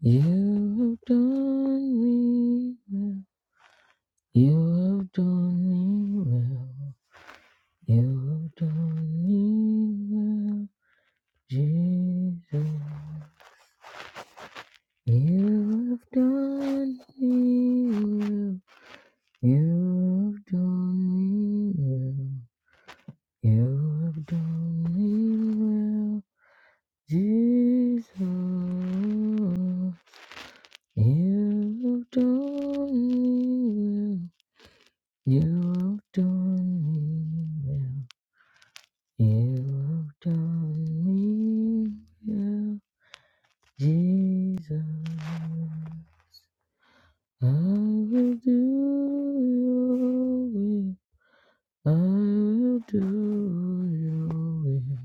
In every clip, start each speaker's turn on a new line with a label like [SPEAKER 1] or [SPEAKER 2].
[SPEAKER 1] You have done me well. You have done me well. You have done me well, Jesus. You have done me well. You have done me well. You have done me well, Jesus. You have done me well. You have done me well. You have done me well, Jesus. I will do your will. I will do your will.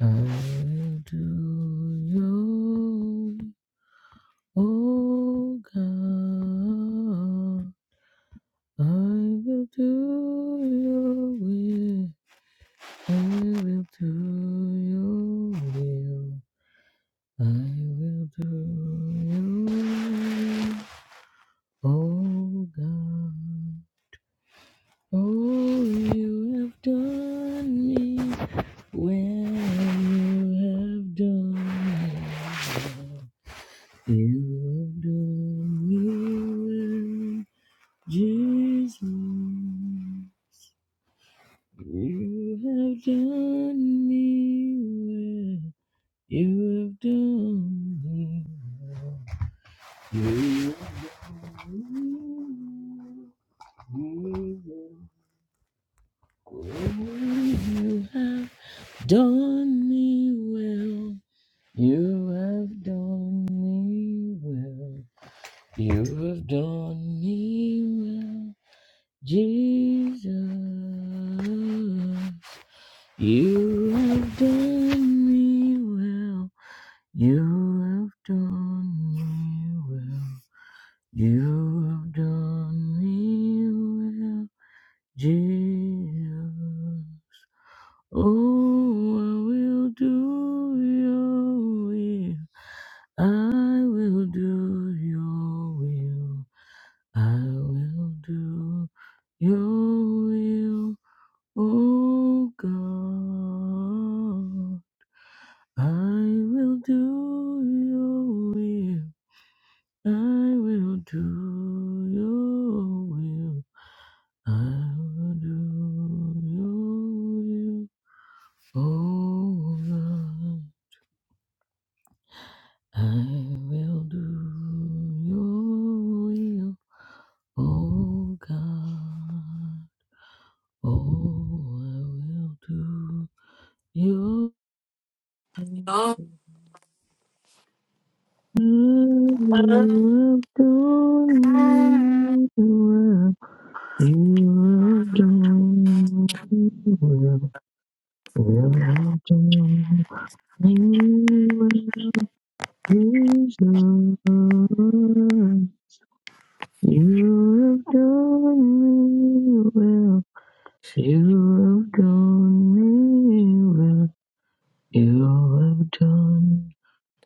[SPEAKER 1] I will do your will. Oh God, I will do your will. I will do your will. I will do your will. Oh God. Oh, you have done me well. You have done me well. You have done me well. Jesus. You have done me well. You do. me well. You do. me well. Oh, You have done me well. You have done me well. You have done me well, Jesus. You have done me well. You have done me well. You have done me well, Jesus. Oh, I will do your will. I will do your will. I will do your will, oh God. I will do your will. I will do your will. I will do your will. Oh Lord, I will do your will. Oh God, oh I will do your
[SPEAKER 2] Lord,
[SPEAKER 1] will. I will do your will. You have done, you have done, you have praised the Lord. You have done me well, you have done me well, you have done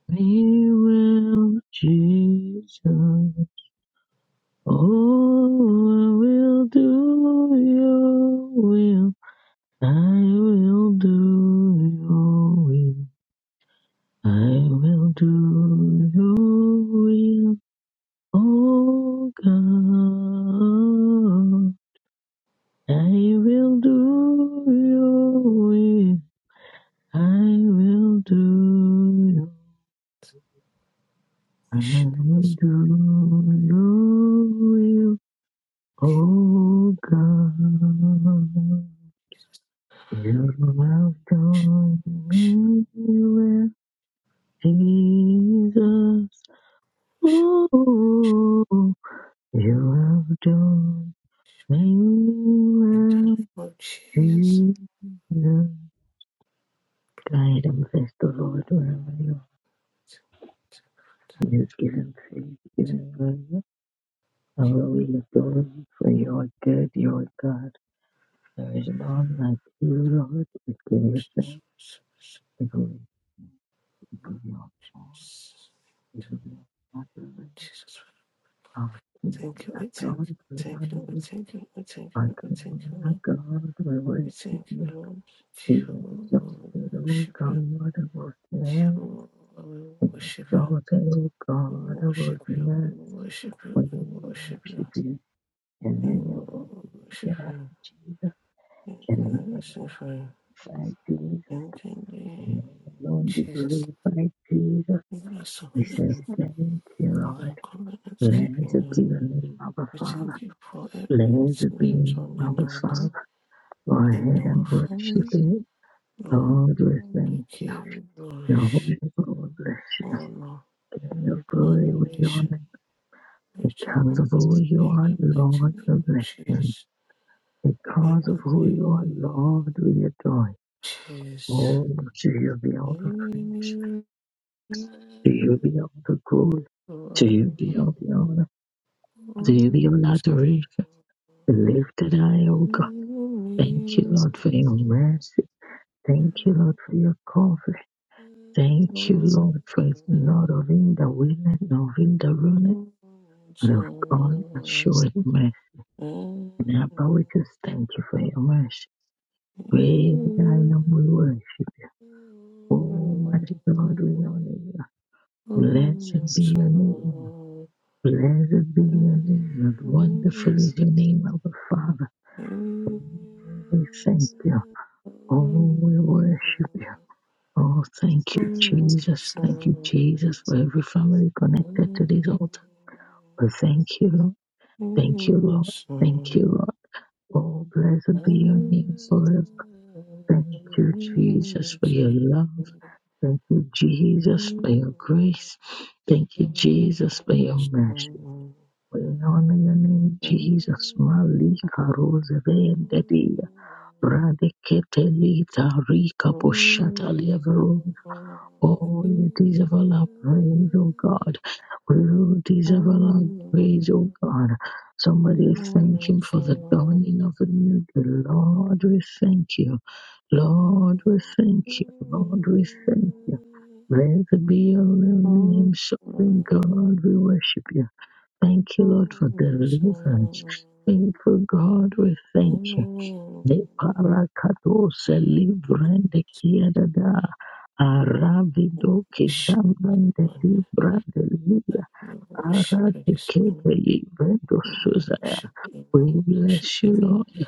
[SPEAKER 1] me well, Jesus. Oh, I will do your will. I will do your will. I will do your will, oh God. I will do your will. I will do your I will do your will, oh God. You have done me well, Jesus. Ooh, you have done me
[SPEAKER 2] in the name
[SPEAKER 1] well,
[SPEAKER 2] of Jesus.
[SPEAKER 1] Jesus. Guide and bless the Lord wherever you are. Just give him praise, give him glory. I will we adore you for your good, your God. There is none like you, Lord. We give you thanks, we give you we give you all, we give you adoration.
[SPEAKER 2] Jesus, we
[SPEAKER 1] Our King,
[SPEAKER 2] thank you,
[SPEAKER 1] our
[SPEAKER 2] we thank you,
[SPEAKER 1] God, we
[SPEAKER 2] thank
[SPEAKER 1] honor
[SPEAKER 2] you, we
[SPEAKER 1] you.
[SPEAKER 2] thank you, we thank you,
[SPEAKER 1] Our
[SPEAKER 2] we
[SPEAKER 1] King,
[SPEAKER 2] thank you,
[SPEAKER 1] our
[SPEAKER 2] Lord.
[SPEAKER 1] God, we
[SPEAKER 2] We
[SPEAKER 1] worship
[SPEAKER 2] thank you,
[SPEAKER 1] you.
[SPEAKER 2] Lord.
[SPEAKER 1] O God of
[SPEAKER 2] Jehovah, we
[SPEAKER 1] heaven, exalted, O
[SPEAKER 2] worship you. Jehovah, we worship you. We
[SPEAKER 1] God of earth,
[SPEAKER 2] worship you, we worship you,
[SPEAKER 1] We
[SPEAKER 2] we worship you.
[SPEAKER 1] worship you in the
[SPEAKER 2] We
[SPEAKER 1] name of the
[SPEAKER 2] worship
[SPEAKER 1] Lord
[SPEAKER 2] you.
[SPEAKER 1] Jesus,
[SPEAKER 2] Thank
[SPEAKER 1] in the
[SPEAKER 2] you,
[SPEAKER 1] name
[SPEAKER 2] Lord,
[SPEAKER 1] of
[SPEAKER 2] so far.
[SPEAKER 1] Christ Jesus,
[SPEAKER 2] In the
[SPEAKER 1] in the
[SPEAKER 2] name
[SPEAKER 1] name
[SPEAKER 2] of
[SPEAKER 1] alone be
[SPEAKER 2] Jesus,
[SPEAKER 1] glorified, Jesus.
[SPEAKER 2] we bless the
[SPEAKER 1] we
[SPEAKER 2] holy
[SPEAKER 1] say
[SPEAKER 2] name.
[SPEAKER 1] thank you,
[SPEAKER 2] You
[SPEAKER 1] Lord.
[SPEAKER 2] are covenant keeping
[SPEAKER 1] Blessed
[SPEAKER 2] God.
[SPEAKER 1] be the name of our
[SPEAKER 2] We
[SPEAKER 1] Father.
[SPEAKER 2] thank you for everything
[SPEAKER 1] Blessed
[SPEAKER 2] you
[SPEAKER 1] be the
[SPEAKER 2] have
[SPEAKER 1] name
[SPEAKER 2] done
[SPEAKER 1] of
[SPEAKER 2] in
[SPEAKER 1] our
[SPEAKER 2] our life,
[SPEAKER 1] Father. Go
[SPEAKER 2] in
[SPEAKER 1] ahead and
[SPEAKER 2] our
[SPEAKER 1] worship
[SPEAKER 2] family.
[SPEAKER 1] it.
[SPEAKER 2] Lord,
[SPEAKER 1] Lord, we
[SPEAKER 2] we
[SPEAKER 1] thank you.
[SPEAKER 2] give you glory,
[SPEAKER 1] Your holy God bless you.
[SPEAKER 2] honor,
[SPEAKER 1] In Your glory we
[SPEAKER 2] adoration.
[SPEAKER 1] honor.
[SPEAKER 2] Be to
[SPEAKER 1] because of
[SPEAKER 2] holy name
[SPEAKER 1] who you
[SPEAKER 2] in
[SPEAKER 1] are,
[SPEAKER 2] the mighty
[SPEAKER 1] Lord,
[SPEAKER 2] name
[SPEAKER 1] we
[SPEAKER 2] of
[SPEAKER 1] bless you.
[SPEAKER 2] Jesus. In
[SPEAKER 1] Because of
[SPEAKER 2] the
[SPEAKER 1] who
[SPEAKER 2] name
[SPEAKER 1] you are,
[SPEAKER 2] of
[SPEAKER 1] Lord, we adore you.
[SPEAKER 2] Jesus.
[SPEAKER 1] Oh, to you be all the
[SPEAKER 2] In
[SPEAKER 1] praise,
[SPEAKER 2] your
[SPEAKER 1] to you
[SPEAKER 2] name,
[SPEAKER 1] be all the glory, to
[SPEAKER 2] Lord,
[SPEAKER 1] you be all the honor, to
[SPEAKER 2] Lord,
[SPEAKER 1] you be all the adoration. Lifted I, O God. Thank you, Lord, for your mercy. Thank you, Lord, for your comfort. Thank you,
[SPEAKER 2] Lord,
[SPEAKER 1] Lord, for
[SPEAKER 2] Lord.
[SPEAKER 1] not of him that willeth, nor of him that ruineth, but
[SPEAKER 2] Just
[SPEAKER 1] of God that
[SPEAKER 2] Just
[SPEAKER 1] showeth mercy.
[SPEAKER 2] you.
[SPEAKER 1] Now, Father, we just thank you for your mercy. Praise thy name, we worship you. Almighty God, we honor you. Blessed be your name. Blessed be your name. And wonderful is your name, our Father. We thank you. Oh, we worship you. Oh, thank you, Jesus. Thank you, Jesus, for every family connected to this altar. We thank you, Lord. Thank you, Lord. Thank you, Lord. Oh, blessed be your name forever Thank you, Jesus, for your love.
[SPEAKER 2] Thank you.
[SPEAKER 1] Thank you,
[SPEAKER 2] Shit,
[SPEAKER 1] Jesus, for
[SPEAKER 2] man,
[SPEAKER 1] your grace. Thank you, Jesus, for your mercy. We honor your name, Jesus. Malika rosevendedia, bradeketelita rika boshata levero. Oh, you deserve all our praise, oh God. We will deserve all our praise, oh God. Somebody thank him for the dawning of a new day. Lord, we thank you. Lord, we thank you. Lord, we thank you. Blessed be your name, sovereign God. We worship you. Thank you, Lord, for deliverance. Faithful God, we thank you. De parakatos librande kiadada arabido kizambande librande
[SPEAKER 2] that
[SPEAKER 1] lia
[SPEAKER 2] you worship
[SPEAKER 1] arate
[SPEAKER 2] this
[SPEAKER 1] kebe ibrendo
[SPEAKER 2] We worship, we
[SPEAKER 1] we
[SPEAKER 2] worship,
[SPEAKER 1] bless you, Lord.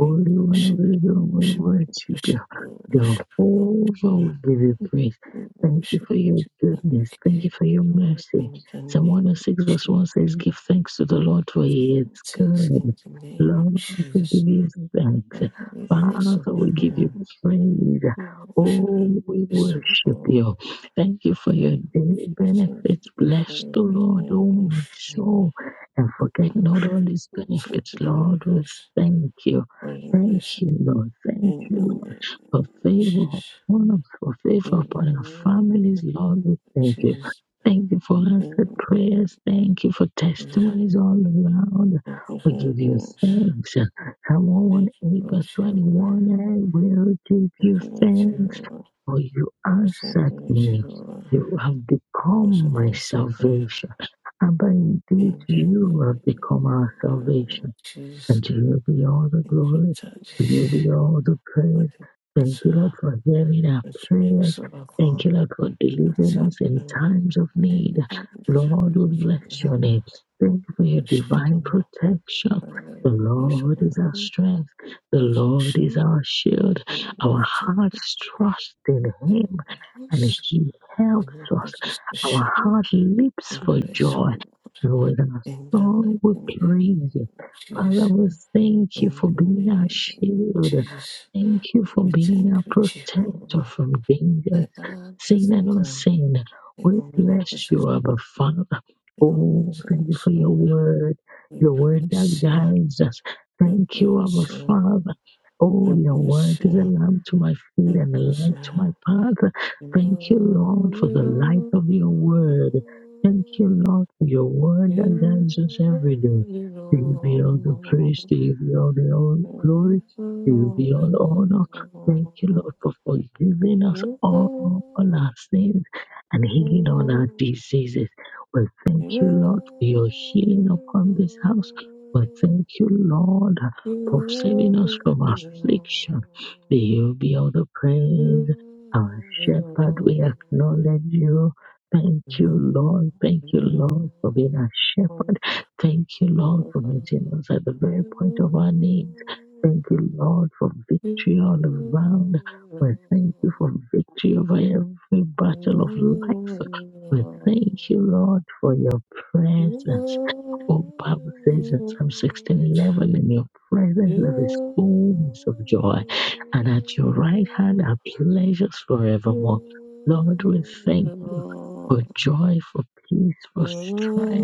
[SPEAKER 2] we
[SPEAKER 1] One of
[SPEAKER 2] worship, we
[SPEAKER 1] Israel, we
[SPEAKER 2] worship, we
[SPEAKER 1] worship you.
[SPEAKER 2] worship, we worship,
[SPEAKER 1] Jehovah, we give you praise.
[SPEAKER 2] we
[SPEAKER 1] Thank you
[SPEAKER 2] worship,
[SPEAKER 1] for
[SPEAKER 2] we
[SPEAKER 1] your
[SPEAKER 2] just want
[SPEAKER 1] goodness.
[SPEAKER 2] to
[SPEAKER 1] Thank you
[SPEAKER 2] give
[SPEAKER 1] for
[SPEAKER 2] you
[SPEAKER 1] your
[SPEAKER 2] glory
[SPEAKER 1] mercy.
[SPEAKER 2] in the
[SPEAKER 1] Psalm
[SPEAKER 2] name of
[SPEAKER 1] 106, verse
[SPEAKER 2] Jesus.
[SPEAKER 1] 1 says, Give thanks to the Lord for
[SPEAKER 2] Give
[SPEAKER 1] he is
[SPEAKER 2] you thanks
[SPEAKER 1] good.
[SPEAKER 2] in the name of
[SPEAKER 1] Lord, we
[SPEAKER 2] Jesus.
[SPEAKER 1] give you thanks.
[SPEAKER 2] Father, we bless the
[SPEAKER 1] Father,
[SPEAKER 2] Holy
[SPEAKER 1] we give you
[SPEAKER 2] One.
[SPEAKER 1] praise.
[SPEAKER 2] We worship
[SPEAKER 1] Oh,
[SPEAKER 2] and
[SPEAKER 1] we
[SPEAKER 2] praise the
[SPEAKER 1] worship
[SPEAKER 2] Lord.
[SPEAKER 1] you. Thank you for
[SPEAKER 2] Thank
[SPEAKER 1] your daily
[SPEAKER 2] we thank you for
[SPEAKER 1] benefits.
[SPEAKER 2] your
[SPEAKER 1] Bless the
[SPEAKER 2] grace
[SPEAKER 1] Lord, oh my
[SPEAKER 2] and
[SPEAKER 1] soul and
[SPEAKER 2] your
[SPEAKER 1] forget not all his
[SPEAKER 2] mercy. We Thank
[SPEAKER 1] benefits,
[SPEAKER 2] you for your
[SPEAKER 1] Lord. We
[SPEAKER 2] grace,
[SPEAKER 1] thank you.
[SPEAKER 2] for your
[SPEAKER 1] Thank
[SPEAKER 2] mercy.
[SPEAKER 1] you, Lord. Thank
[SPEAKER 2] In
[SPEAKER 1] you,
[SPEAKER 2] the
[SPEAKER 1] Lord, for
[SPEAKER 2] name of
[SPEAKER 1] favor
[SPEAKER 2] Jesus.
[SPEAKER 1] upon us, for favor
[SPEAKER 2] In
[SPEAKER 1] upon our
[SPEAKER 2] the Thank
[SPEAKER 1] families, Lord. We thank
[SPEAKER 2] you,
[SPEAKER 1] you.
[SPEAKER 2] Jesus.
[SPEAKER 1] Thank you for
[SPEAKER 2] Thank
[SPEAKER 1] answered
[SPEAKER 2] you,
[SPEAKER 1] prayers. Thank you for
[SPEAKER 2] Jesus.
[SPEAKER 1] testimonies all around.
[SPEAKER 2] Thank you
[SPEAKER 1] We
[SPEAKER 2] for your
[SPEAKER 1] give you
[SPEAKER 2] grace.
[SPEAKER 1] thanks. Psalm
[SPEAKER 2] Thank you,
[SPEAKER 1] 118,
[SPEAKER 2] Lord
[SPEAKER 1] verse
[SPEAKER 2] Jehovah.
[SPEAKER 1] 21, I will give
[SPEAKER 2] Thank
[SPEAKER 1] you
[SPEAKER 2] you, Lord
[SPEAKER 1] thanks,
[SPEAKER 2] Jehovah.
[SPEAKER 1] for you
[SPEAKER 2] We Thank you,
[SPEAKER 1] answered
[SPEAKER 2] Lord
[SPEAKER 1] me.
[SPEAKER 2] Jehovah.
[SPEAKER 1] You have
[SPEAKER 2] Most
[SPEAKER 1] become
[SPEAKER 2] of
[SPEAKER 1] my
[SPEAKER 2] us so prayer.
[SPEAKER 1] salvation. And by indeed
[SPEAKER 2] In the
[SPEAKER 1] you have become our
[SPEAKER 2] name
[SPEAKER 1] salvation.
[SPEAKER 2] of Jesus.
[SPEAKER 1] And to you be all the
[SPEAKER 2] Thank you,
[SPEAKER 1] glory.
[SPEAKER 2] Daddy.
[SPEAKER 1] To you be all the
[SPEAKER 2] For
[SPEAKER 1] praise.
[SPEAKER 2] the
[SPEAKER 1] Thank you,
[SPEAKER 2] battle
[SPEAKER 1] Lord, for hearing our
[SPEAKER 2] that makes
[SPEAKER 1] prayers. Thank you,
[SPEAKER 2] overcome.
[SPEAKER 1] Lord, for
[SPEAKER 2] We
[SPEAKER 1] delivering
[SPEAKER 2] thank
[SPEAKER 1] us in
[SPEAKER 2] you.
[SPEAKER 1] times of need.
[SPEAKER 2] Everything that you
[SPEAKER 1] Lord, we
[SPEAKER 2] have
[SPEAKER 1] bless
[SPEAKER 2] done.
[SPEAKER 1] your name. Thank
[SPEAKER 2] We
[SPEAKER 1] you for your
[SPEAKER 2] worship
[SPEAKER 1] divine
[SPEAKER 2] you.
[SPEAKER 1] protection.
[SPEAKER 2] Father,
[SPEAKER 1] The
[SPEAKER 2] we praise your
[SPEAKER 1] Lord is our
[SPEAKER 2] name.
[SPEAKER 1] strength. The Lord is
[SPEAKER 2] Protection.
[SPEAKER 1] our shield.
[SPEAKER 2] Lord,
[SPEAKER 1] Our
[SPEAKER 2] we thank you.
[SPEAKER 1] hearts trust in
[SPEAKER 2] the Lord
[SPEAKER 1] Him
[SPEAKER 2] of
[SPEAKER 1] and
[SPEAKER 2] hosts,
[SPEAKER 1] He
[SPEAKER 2] the
[SPEAKER 1] helps
[SPEAKER 2] Lord
[SPEAKER 1] us.
[SPEAKER 2] puts us
[SPEAKER 1] Our
[SPEAKER 2] shame.
[SPEAKER 1] heart leaps
[SPEAKER 2] We
[SPEAKER 1] for
[SPEAKER 2] praise the
[SPEAKER 1] joy.
[SPEAKER 2] Lord
[SPEAKER 1] And with our
[SPEAKER 2] in the
[SPEAKER 1] song,
[SPEAKER 2] mighty
[SPEAKER 1] we
[SPEAKER 2] name
[SPEAKER 1] praise you.
[SPEAKER 2] of
[SPEAKER 1] Father,
[SPEAKER 2] Jesus.
[SPEAKER 1] we thank you
[SPEAKER 2] In
[SPEAKER 1] for
[SPEAKER 2] the
[SPEAKER 1] being our
[SPEAKER 2] name of
[SPEAKER 1] shield.
[SPEAKER 2] Jesus,
[SPEAKER 1] Thank you for
[SPEAKER 2] we
[SPEAKER 1] being
[SPEAKER 2] thank
[SPEAKER 1] our
[SPEAKER 2] you,
[SPEAKER 1] protector
[SPEAKER 2] Jehovah.
[SPEAKER 1] from dangers,
[SPEAKER 2] I am
[SPEAKER 1] sin
[SPEAKER 2] that I
[SPEAKER 1] and
[SPEAKER 2] am.
[SPEAKER 1] unseen.
[SPEAKER 2] The
[SPEAKER 1] We bless
[SPEAKER 2] omnipotent
[SPEAKER 1] you, Abba
[SPEAKER 2] God,
[SPEAKER 1] Father.
[SPEAKER 2] the
[SPEAKER 1] Oh, thank you
[SPEAKER 2] omnipotent
[SPEAKER 1] for your
[SPEAKER 2] God.
[SPEAKER 1] word,
[SPEAKER 2] We
[SPEAKER 1] your word that
[SPEAKER 2] praise you.
[SPEAKER 1] guides us.
[SPEAKER 2] We
[SPEAKER 1] Thank you, Abba
[SPEAKER 2] praise you.
[SPEAKER 1] Father.
[SPEAKER 2] We
[SPEAKER 1] Oh, your word
[SPEAKER 2] praise
[SPEAKER 1] is a
[SPEAKER 2] you.
[SPEAKER 1] lamp to my
[SPEAKER 2] We
[SPEAKER 1] feet and a
[SPEAKER 2] praise
[SPEAKER 1] light
[SPEAKER 2] you.
[SPEAKER 1] to my path.
[SPEAKER 2] You
[SPEAKER 1] Thank you,
[SPEAKER 2] are
[SPEAKER 1] Lord, for
[SPEAKER 2] holy,
[SPEAKER 1] the light of your word. Thank you,
[SPEAKER 2] Lord.
[SPEAKER 1] Lord, for your word that
[SPEAKER 2] you.
[SPEAKER 1] guides us every day.
[SPEAKER 2] only
[SPEAKER 1] To you be all the
[SPEAKER 2] know.
[SPEAKER 1] praise, to you be all the all glory,
[SPEAKER 2] You only know. You only
[SPEAKER 1] to you
[SPEAKER 2] know.
[SPEAKER 1] be all the honor. Thank you, Lord, for forgiving us
[SPEAKER 2] You only know. You
[SPEAKER 1] all,
[SPEAKER 2] only
[SPEAKER 1] all our sins and
[SPEAKER 2] know. You only know. You only know.
[SPEAKER 1] healing all our
[SPEAKER 2] You
[SPEAKER 1] diseases. We thank you, Lord, for your healing upon this house. We thank you, Lord, for saving us from affliction. To you be all the praise. Our shepherd, we acknowledge you. Thank you, Lord. Thank you, Lord, for being our shepherd. Thank you, Lord, for meeting us at the very point of our needs. Thank you, Lord, for
[SPEAKER 2] only
[SPEAKER 1] victory all around.
[SPEAKER 2] know. You only
[SPEAKER 1] We thank you
[SPEAKER 2] know.
[SPEAKER 1] for victory over every
[SPEAKER 2] You
[SPEAKER 1] battle of life.
[SPEAKER 2] are
[SPEAKER 1] We thank you, Lord, for your
[SPEAKER 2] are are
[SPEAKER 1] presence.
[SPEAKER 2] are
[SPEAKER 1] Oh, Bible says in Psalm 16 11, in your presence there is fullness of joy, and at your right hand are pleasures forevermore. Lord, we thank you for
[SPEAKER 2] are
[SPEAKER 1] joy, for peace, for strength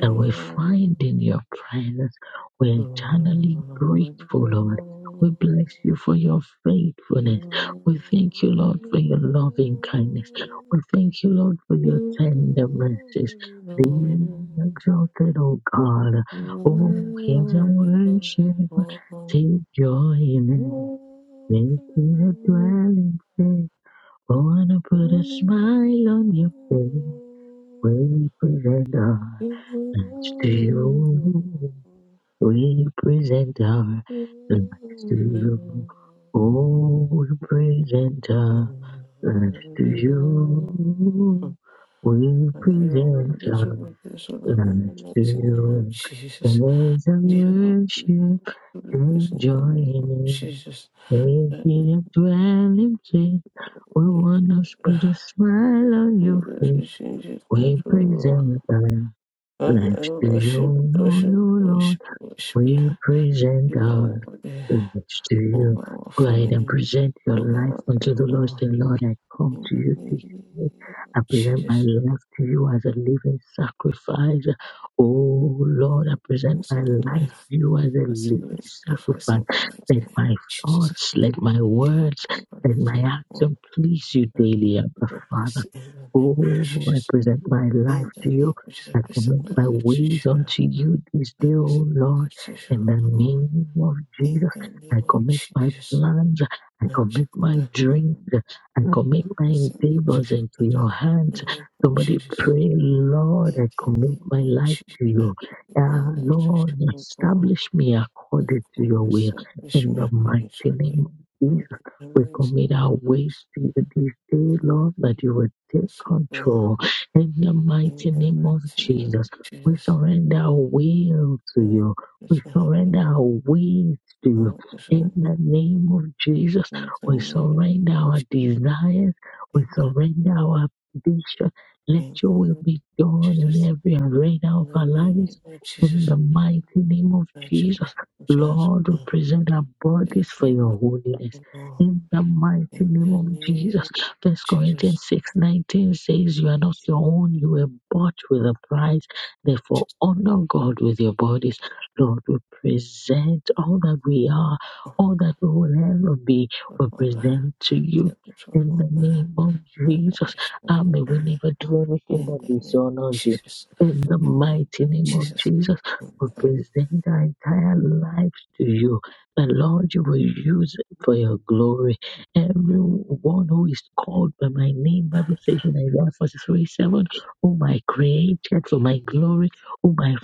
[SPEAKER 1] that we find in your presence. We're eternally grateful, Lord. We bless you for your faithfulness. We thank you, Lord, for your loving kindness. We thank you, Lord, for
[SPEAKER 2] You
[SPEAKER 1] your
[SPEAKER 2] You
[SPEAKER 1] tender mercies.
[SPEAKER 2] You
[SPEAKER 1] Be
[SPEAKER 2] You
[SPEAKER 1] exalted, O God.
[SPEAKER 2] Jesus, Jesus,
[SPEAKER 1] Oh, here's our worship. Take joy in it. Make it a dwelling place. I wanna put a smile on your face. Will you present us? to you, we present our lives to you. Oh, we present our lives to you. We present our thanks to you. Praise and worship
[SPEAKER 2] Jesus,
[SPEAKER 1] and joy in it.
[SPEAKER 2] Jesus,
[SPEAKER 1] We give a dwelling place. We want us to put a smile on your face.
[SPEAKER 2] change it,
[SPEAKER 1] We
[SPEAKER 2] control.
[SPEAKER 1] present our
[SPEAKER 2] Father, I
[SPEAKER 1] lives to
[SPEAKER 2] worship,
[SPEAKER 1] you,
[SPEAKER 2] worship,
[SPEAKER 1] Lord,
[SPEAKER 2] worship, worship you.
[SPEAKER 1] we present
[SPEAKER 2] You know,
[SPEAKER 1] represent
[SPEAKER 2] over the-
[SPEAKER 1] lives to you.
[SPEAKER 2] over our
[SPEAKER 1] Go ahead and
[SPEAKER 2] family,
[SPEAKER 1] present your
[SPEAKER 2] over
[SPEAKER 1] life
[SPEAKER 2] our life,
[SPEAKER 1] unto the
[SPEAKER 2] over
[SPEAKER 1] Lord.
[SPEAKER 2] our-
[SPEAKER 1] Say, Lord, I come
[SPEAKER 2] in
[SPEAKER 1] to you
[SPEAKER 2] the
[SPEAKER 1] this day.
[SPEAKER 2] name
[SPEAKER 1] I
[SPEAKER 2] of
[SPEAKER 1] present my
[SPEAKER 2] Jesus.
[SPEAKER 1] life to you as a living sacrifice. Oh Lord, I present
[SPEAKER 2] It's
[SPEAKER 1] my
[SPEAKER 2] our
[SPEAKER 1] life
[SPEAKER 2] life.
[SPEAKER 1] to you as a
[SPEAKER 2] I see
[SPEAKER 1] living
[SPEAKER 2] the sacrifice
[SPEAKER 1] sacrifice.
[SPEAKER 2] in the mighty
[SPEAKER 1] Let
[SPEAKER 2] name
[SPEAKER 1] my
[SPEAKER 2] of Jesus.
[SPEAKER 1] thoughts, let my
[SPEAKER 2] You
[SPEAKER 1] words,
[SPEAKER 2] over the
[SPEAKER 1] let my
[SPEAKER 2] twenty-one.
[SPEAKER 1] action please you
[SPEAKER 2] The
[SPEAKER 1] daily, Abba
[SPEAKER 2] Please,
[SPEAKER 1] Father.
[SPEAKER 2] in the name of
[SPEAKER 1] Oh, I
[SPEAKER 2] Jesus.
[SPEAKER 1] present my life
[SPEAKER 2] In
[SPEAKER 1] to
[SPEAKER 2] the
[SPEAKER 1] you.
[SPEAKER 2] name of Jesus, I
[SPEAKER 1] I
[SPEAKER 2] present
[SPEAKER 1] commit
[SPEAKER 2] my
[SPEAKER 1] my
[SPEAKER 2] life to
[SPEAKER 1] ways
[SPEAKER 2] you.
[SPEAKER 1] unto you this
[SPEAKER 2] I
[SPEAKER 1] day, O
[SPEAKER 2] present my
[SPEAKER 1] Lord.
[SPEAKER 2] life to
[SPEAKER 1] In
[SPEAKER 2] you,
[SPEAKER 1] the
[SPEAKER 2] God.
[SPEAKER 1] name of Jesus,
[SPEAKER 2] In the name
[SPEAKER 1] I
[SPEAKER 2] of
[SPEAKER 1] commit my
[SPEAKER 2] Jesus.
[SPEAKER 1] plans, I commit my dreams, I commit my
[SPEAKER 2] Yes, in the
[SPEAKER 1] endeavors
[SPEAKER 2] Jesus,
[SPEAKER 1] into
[SPEAKER 2] we
[SPEAKER 1] your hands.
[SPEAKER 2] the name of
[SPEAKER 1] Somebody
[SPEAKER 2] Jesus.
[SPEAKER 1] pray, Lord, I
[SPEAKER 2] In the
[SPEAKER 1] commit
[SPEAKER 2] name
[SPEAKER 1] my
[SPEAKER 2] of
[SPEAKER 1] life
[SPEAKER 2] Jesus.
[SPEAKER 1] to
[SPEAKER 2] I
[SPEAKER 1] you.
[SPEAKER 2] pray
[SPEAKER 1] Uh,
[SPEAKER 2] that the Jesus
[SPEAKER 1] Lord,
[SPEAKER 2] will go on.
[SPEAKER 1] establish me
[SPEAKER 2] I
[SPEAKER 1] according to
[SPEAKER 2] call
[SPEAKER 1] your
[SPEAKER 2] the
[SPEAKER 1] will.
[SPEAKER 2] selfish
[SPEAKER 1] In
[SPEAKER 2] me
[SPEAKER 1] the mighty
[SPEAKER 2] according to the
[SPEAKER 1] name of
[SPEAKER 2] will of God.
[SPEAKER 1] Jesus,
[SPEAKER 2] In the
[SPEAKER 1] we
[SPEAKER 2] mighty name
[SPEAKER 1] commit our
[SPEAKER 2] of
[SPEAKER 1] ways
[SPEAKER 2] Jesus.
[SPEAKER 1] to you this day,
[SPEAKER 2] In
[SPEAKER 1] Lord, that you will
[SPEAKER 2] the
[SPEAKER 1] take
[SPEAKER 2] soul.
[SPEAKER 1] control. In the
[SPEAKER 2] In
[SPEAKER 1] mighty
[SPEAKER 2] the
[SPEAKER 1] name of
[SPEAKER 2] mighty name
[SPEAKER 1] Jesus,
[SPEAKER 2] of
[SPEAKER 1] we
[SPEAKER 2] Jesus.
[SPEAKER 1] surrender our will to
[SPEAKER 2] In
[SPEAKER 1] you.
[SPEAKER 2] the
[SPEAKER 1] We
[SPEAKER 2] soul of
[SPEAKER 1] surrender
[SPEAKER 2] God.
[SPEAKER 1] our ways to you
[SPEAKER 2] In the
[SPEAKER 1] in
[SPEAKER 2] soul.
[SPEAKER 1] the name of Jesus,
[SPEAKER 2] In the
[SPEAKER 1] we
[SPEAKER 2] name of
[SPEAKER 1] surrender our
[SPEAKER 2] Jesus.
[SPEAKER 1] desires,
[SPEAKER 2] In
[SPEAKER 1] we
[SPEAKER 2] the
[SPEAKER 1] surrender our ambition. Let your will
[SPEAKER 2] name of
[SPEAKER 1] be done in
[SPEAKER 2] Jesus.
[SPEAKER 1] every arena
[SPEAKER 2] In
[SPEAKER 1] of
[SPEAKER 2] the
[SPEAKER 1] our
[SPEAKER 2] name
[SPEAKER 1] lives.
[SPEAKER 2] of
[SPEAKER 1] In
[SPEAKER 2] Jesus.
[SPEAKER 1] the mighty name of
[SPEAKER 2] My children,
[SPEAKER 1] Jesus,
[SPEAKER 2] my children,
[SPEAKER 1] Lord,
[SPEAKER 2] my
[SPEAKER 1] we present our
[SPEAKER 2] children. my
[SPEAKER 1] bodies for
[SPEAKER 2] children,
[SPEAKER 1] your holiness.
[SPEAKER 2] my children,
[SPEAKER 1] In the mighty
[SPEAKER 2] In the
[SPEAKER 1] name of
[SPEAKER 2] name
[SPEAKER 1] Jesus,
[SPEAKER 2] of
[SPEAKER 1] First
[SPEAKER 2] Jesus,
[SPEAKER 1] Corinthians six nineteen says, You are not your own, you were bought with a price. Therefore,
[SPEAKER 2] Jesus,
[SPEAKER 1] honor God with your bodies. Lord, we present all that we are
[SPEAKER 2] oh,
[SPEAKER 1] all that we will ever be,
[SPEAKER 2] oh,
[SPEAKER 1] we
[SPEAKER 2] Father,
[SPEAKER 1] present to you.
[SPEAKER 2] take control,
[SPEAKER 1] In the
[SPEAKER 2] Father,
[SPEAKER 1] name of
[SPEAKER 2] Father, my
[SPEAKER 1] Jesus,
[SPEAKER 2] children,
[SPEAKER 1] and
[SPEAKER 2] for
[SPEAKER 1] may we
[SPEAKER 2] Father,
[SPEAKER 1] never do anything
[SPEAKER 2] in
[SPEAKER 1] that
[SPEAKER 2] the name of
[SPEAKER 1] dishonors you.
[SPEAKER 2] Jesus,
[SPEAKER 1] In the
[SPEAKER 2] in the name
[SPEAKER 1] mighty
[SPEAKER 2] of
[SPEAKER 1] name of
[SPEAKER 2] Jesus,
[SPEAKER 1] Jesus,
[SPEAKER 2] in the
[SPEAKER 1] we
[SPEAKER 2] name
[SPEAKER 1] present our entire lives to you. The Lord, you will use it for your glory. Everyone who is called by my name, Bible says in Isaiah 43 7, whom I created for my glory, whom I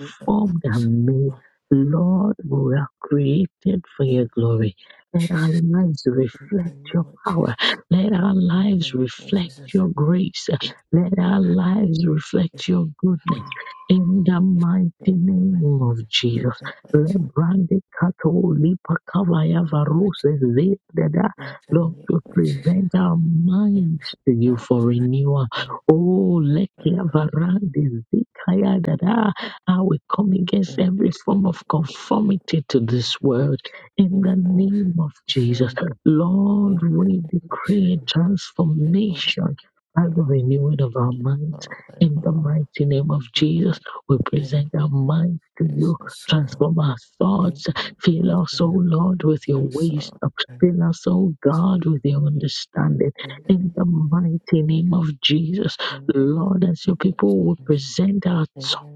[SPEAKER 2] of
[SPEAKER 1] formed
[SPEAKER 2] Jesus,
[SPEAKER 1] and made. Lord, we were created for your
[SPEAKER 2] in
[SPEAKER 1] glory. Let our
[SPEAKER 2] Jesus,
[SPEAKER 1] lives
[SPEAKER 2] in the
[SPEAKER 1] reflect your
[SPEAKER 2] name of
[SPEAKER 1] power.
[SPEAKER 2] Jesus,
[SPEAKER 1] Let our
[SPEAKER 2] in the
[SPEAKER 1] lives
[SPEAKER 2] name of
[SPEAKER 1] reflect
[SPEAKER 2] Jesus,
[SPEAKER 1] your grace.
[SPEAKER 2] if
[SPEAKER 1] Let our lives
[SPEAKER 2] if
[SPEAKER 1] reflect your goodness. In the
[SPEAKER 2] if
[SPEAKER 1] mighty
[SPEAKER 2] you for me,
[SPEAKER 1] name of
[SPEAKER 2] in
[SPEAKER 1] Jesus.
[SPEAKER 2] the mighty
[SPEAKER 1] Lebrande kato lipa kavaya
[SPEAKER 2] name of Jesus,
[SPEAKER 1] varose zedada.
[SPEAKER 2] in the
[SPEAKER 1] Lord,
[SPEAKER 2] name
[SPEAKER 1] we
[SPEAKER 2] of Jesus,
[SPEAKER 1] present our minds
[SPEAKER 2] if
[SPEAKER 1] to you for renewal.
[SPEAKER 2] I
[SPEAKER 1] Oh, lekia
[SPEAKER 2] was
[SPEAKER 1] varande zikaya dada. I will come against
[SPEAKER 2] Thank
[SPEAKER 1] every form of conformity to this world in the name of Jesus. Lord, we decree transformation by the renewing of our minds in the mighty name of Jesus. We present our minds to you, transform our thoughts, fill us, O Lord, with your wisdom, fill us, O God, with your understanding in the mighty name of Jesus. Lord, as your people, we present our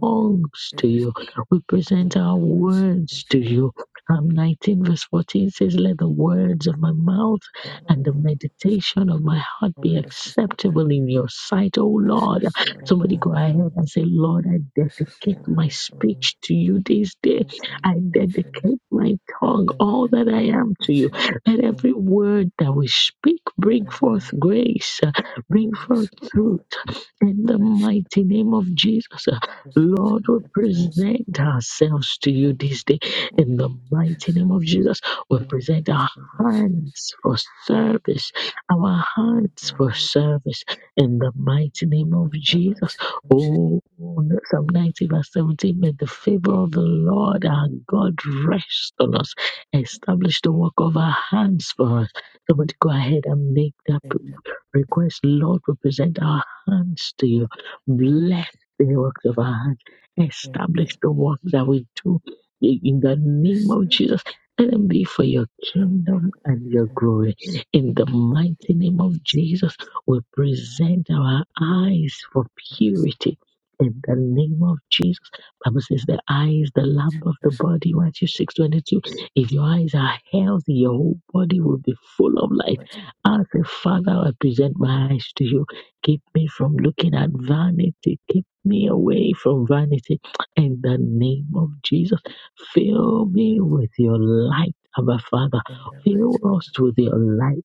[SPEAKER 1] tongues to you, we present our words to you. Psalm 19, verse 14 says, Let the words of my mouth and the meditation of my heart be acceptable in your sight, O Lord. Somebody go ahead
[SPEAKER 2] you.
[SPEAKER 1] and say, Lord, I
[SPEAKER 2] This is the
[SPEAKER 1] dedicate my
[SPEAKER 2] earliest one of
[SPEAKER 1] speech to you this day. I
[SPEAKER 2] the mentions
[SPEAKER 1] dedicate my tongue,
[SPEAKER 2] of
[SPEAKER 1] all that I am to you.
[SPEAKER 2] the
[SPEAKER 1] Let every
[SPEAKER 2] and
[SPEAKER 1] word that we speak bring
[SPEAKER 2] her
[SPEAKER 1] forth grace, uh, bring
[SPEAKER 2] music
[SPEAKER 1] forth truth.
[SPEAKER 2] support,
[SPEAKER 1] In the
[SPEAKER 2] which
[SPEAKER 1] mighty name of Jesus, uh,
[SPEAKER 2] was
[SPEAKER 1] Lord,
[SPEAKER 2] considered
[SPEAKER 1] we present
[SPEAKER 2] transformed
[SPEAKER 1] ourselves to you
[SPEAKER 2] into
[SPEAKER 1] this day. In the mighty
[SPEAKER 2] images.
[SPEAKER 1] name of Jesus, we present
[SPEAKER 2] Elements
[SPEAKER 1] our
[SPEAKER 2] and images
[SPEAKER 1] hands for
[SPEAKER 2] of
[SPEAKER 1] service, our
[SPEAKER 2] the
[SPEAKER 1] hands for
[SPEAKER 2] movie
[SPEAKER 1] service. In the mighty name of Jesus,
[SPEAKER 2] elements images
[SPEAKER 1] oh, Psalm
[SPEAKER 2] of the
[SPEAKER 1] 90 verse 17, may the favor of the Lord our God rest on us, establish the work of our hands for us. Somebody go ahead and make that
[SPEAKER 2] data and
[SPEAKER 1] request, Lord, we present our hands to
[SPEAKER 2] the
[SPEAKER 1] you.
[SPEAKER 2] time
[SPEAKER 1] Bless the works of our hands.
[SPEAKER 2] and the
[SPEAKER 1] Establish the work that we do in the name of
[SPEAKER 2] distance
[SPEAKER 1] Jesus. Let them be for your
[SPEAKER 2] and the
[SPEAKER 1] kingdom and
[SPEAKER 2] images
[SPEAKER 1] your
[SPEAKER 2] and
[SPEAKER 1] glory. In the mighty
[SPEAKER 2] the
[SPEAKER 1] name of Jesus, we present our eyes for
[SPEAKER 2] past
[SPEAKER 1] purity. In the name of Jesus, Bible says the eye is the
[SPEAKER 2] into
[SPEAKER 1] lamp of
[SPEAKER 2] the
[SPEAKER 1] the
[SPEAKER 2] support
[SPEAKER 1] body. Matthew six twenty two. If your eyes are healthy, your whole body will be full of light. As a Father, I present my eyes to you Keep me from looking at vanity. Keep me away from vanity. In the name of Jesus,
[SPEAKER 2] in
[SPEAKER 1] fill me
[SPEAKER 2] the
[SPEAKER 1] with your light, Abba Father.
[SPEAKER 2] light in the lights
[SPEAKER 1] Fill us
[SPEAKER 2] in
[SPEAKER 1] with your light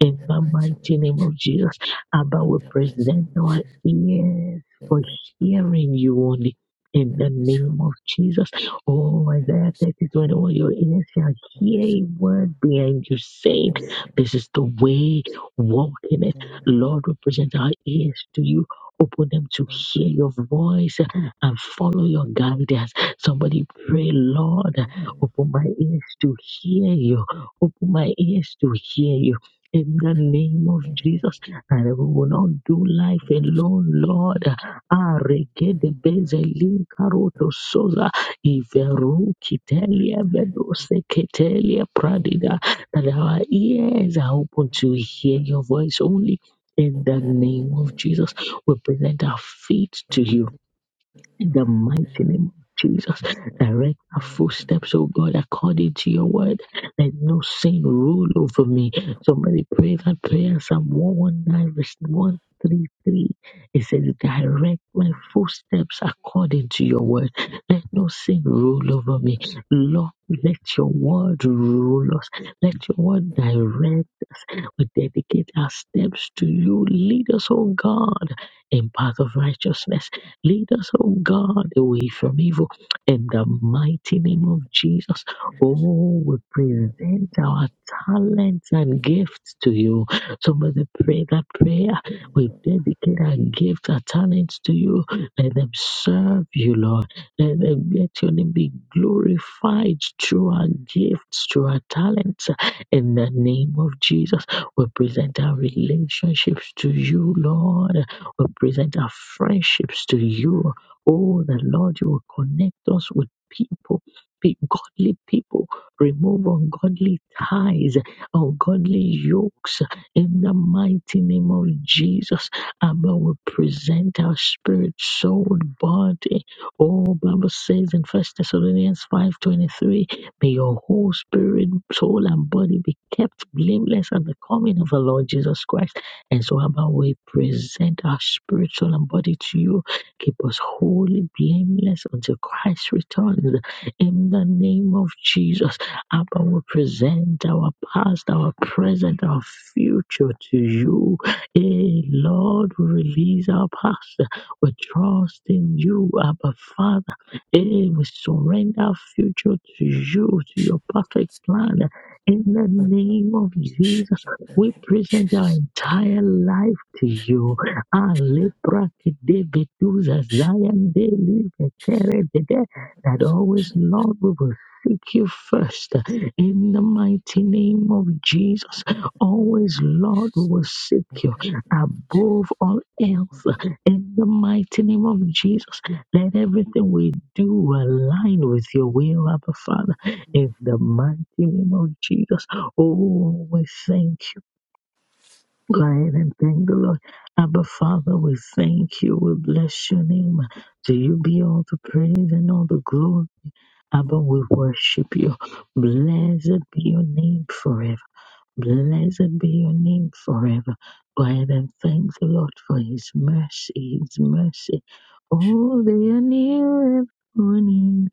[SPEAKER 1] in the
[SPEAKER 2] the lights in
[SPEAKER 1] mighty
[SPEAKER 2] the
[SPEAKER 1] name
[SPEAKER 2] light
[SPEAKER 1] of Jesus, Abba, we
[SPEAKER 2] Under my sin,
[SPEAKER 1] present
[SPEAKER 2] which
[SPEAKER 1] our
[SPEAKER 2] is
[SPEAKER 1] ears
[SPEAKER 2] the
[SPEAKER 1] for
[SPEAKER 2] night of
[SPEAKER 1] hearing you only. In
[SPEAKER 2] fasting,
[SPEAKER 1] the
[SPEAKER 2] is your
[SPEAKER 1] name of Jesus. Oh, Isaiah
[SPEAKER 2] famous
[SPEAKER 1] 30, 21, your ears shall hear
[SPEAKER 2] promise.
[SPEAKER 1] a word
[SPEAKER 2] And
[SPEAKER 1] behind you saying, This is the way, walk in it.
[SPEAKER 2] in the heart
[SPEAKER 1] Lord, we present our ears to you. Open them to
[SPEAKER 2] of the
[SPEAKER 1] hear your voice and follow your guidance. Somebody pray, Lord,
[SPEAKER 2] world,
[SPEAKER 1] open my ears to hear you. Open my ears to hear you in the
[SPEAKER 2] I got
[SPEAKER 1] name
[SPEAKER 2] a
[SPEAKER 1] of Jesus, and we will not do life alone, Lord. Aregede bezeli karoto soza iveru kitelia vedose ketelia pradida. That our ears are open
[SPEAKER 2] lot
[SPEAKER 1] to hear your voice only.
[SPEAKER 2] of
[SPEAKER 1] In the name of Jesus, we present our feet to you in the mighty
[SPEAKER 2] things
[SPEAKER 1] name of Jesus, direct our footsteps, oh God, according to your word. Let no sin rule over me. Somebody pray that prayer, Psalm 119, verse 133. It says, Direct my footsteps according to your word. Let no sin rule over me. Lord, let your word rule us. Let your word direct we dedicate our steps to you. Lead us, O God, in path of righteousness. Lead us, O God, away from evil. In the mighty name of Jesus, oh, we present our talents and gifts to you. Somebody pray that prayer. We dedicate our gifts, our talents to you. Let them serve you, Lord. Let them let your name be glorified through our gifts, through our talents in the name of Jesus. We present our relationships to you, Lord. We present our friendships to you. Oh, the Lord, you will connect us with people, be godly people. Remove ungodly ties, ungodly yokes in the mighty name of Jesus. Abba, we present our spirit, soul, body. Oh, Bible says in First Thessalonians five twenty three. May your whole spirit, soul, and body be kept blameless at the coming of our Lord Jesus Christ. And so, Abba, we present our spirit, soul, and body to you. Keep us wholly blameless until Christ returns. In the name of Jesus, Abba, we present our past, our present, our future to you. Hey, Lord, we release our past. We trust in you, Abba Father. Today we surrender our future to you, to your perfect plan. In the
[SPEAKER 2] to do.
[SPEAKER 1] name of
[SPEAKER 2] Shit,
[SPEAKER 1] Jesus,
[SPEAKER 2] in the
[SPEAKER 1] we
[SPEAKER 2] name of
[SPEAKER 1] present our
[SPEAKER 2] Jesus. Thank you,
[SPEAKER 1] entire life to
[SPEAKER 2] Jesus.
[SPEAKER 1] you.
[SPEAKER 2] Thank you,
[SPEAKER 1] Alebrakedebeduza
[SPEAKER 2] Shit, Jesus.
[SPEAKER 1] zayandelikekeredede.
[SPEAKER 2] Thank you,
[SPEAKER 1] That always,
[SPEAKER 2] shit,
[SPEAKER 1] Lord, we will seek you first. In the mighty name of Jesus,
[SPEAKER 2] thank
[SPEAKER 1] always,
[SPEAKER 2] you,
[SPEAKER 1] Lord, we
[SPEAKER 2] Jesus.
[SPEAKER 1] will seek
[SPEAKER 2] Thank
[SPEAKER 1] you
[SPEAKER 2] you, thank you, Jesus.
[SPEAKER 1] above all
[SPEAKER 2] Thank you,
[SPEAKER 1] else.
[SPEAKER 2] thank
[SPEAKER 1] In the mighty name of Jesus, let everything we do align with your will, Abba Father. In the mighty name of Jesus, oh, we thank you. Go ahead and thank the Lord. Abba Father, we thank you. We bless your name. To you be all the praise and all the glory. Abba, we worship you. Blessed be your name forever. Blessed be your name forever. Go ahead and thank the Lord for his mercy, his mercy. Oh, they are new every morning,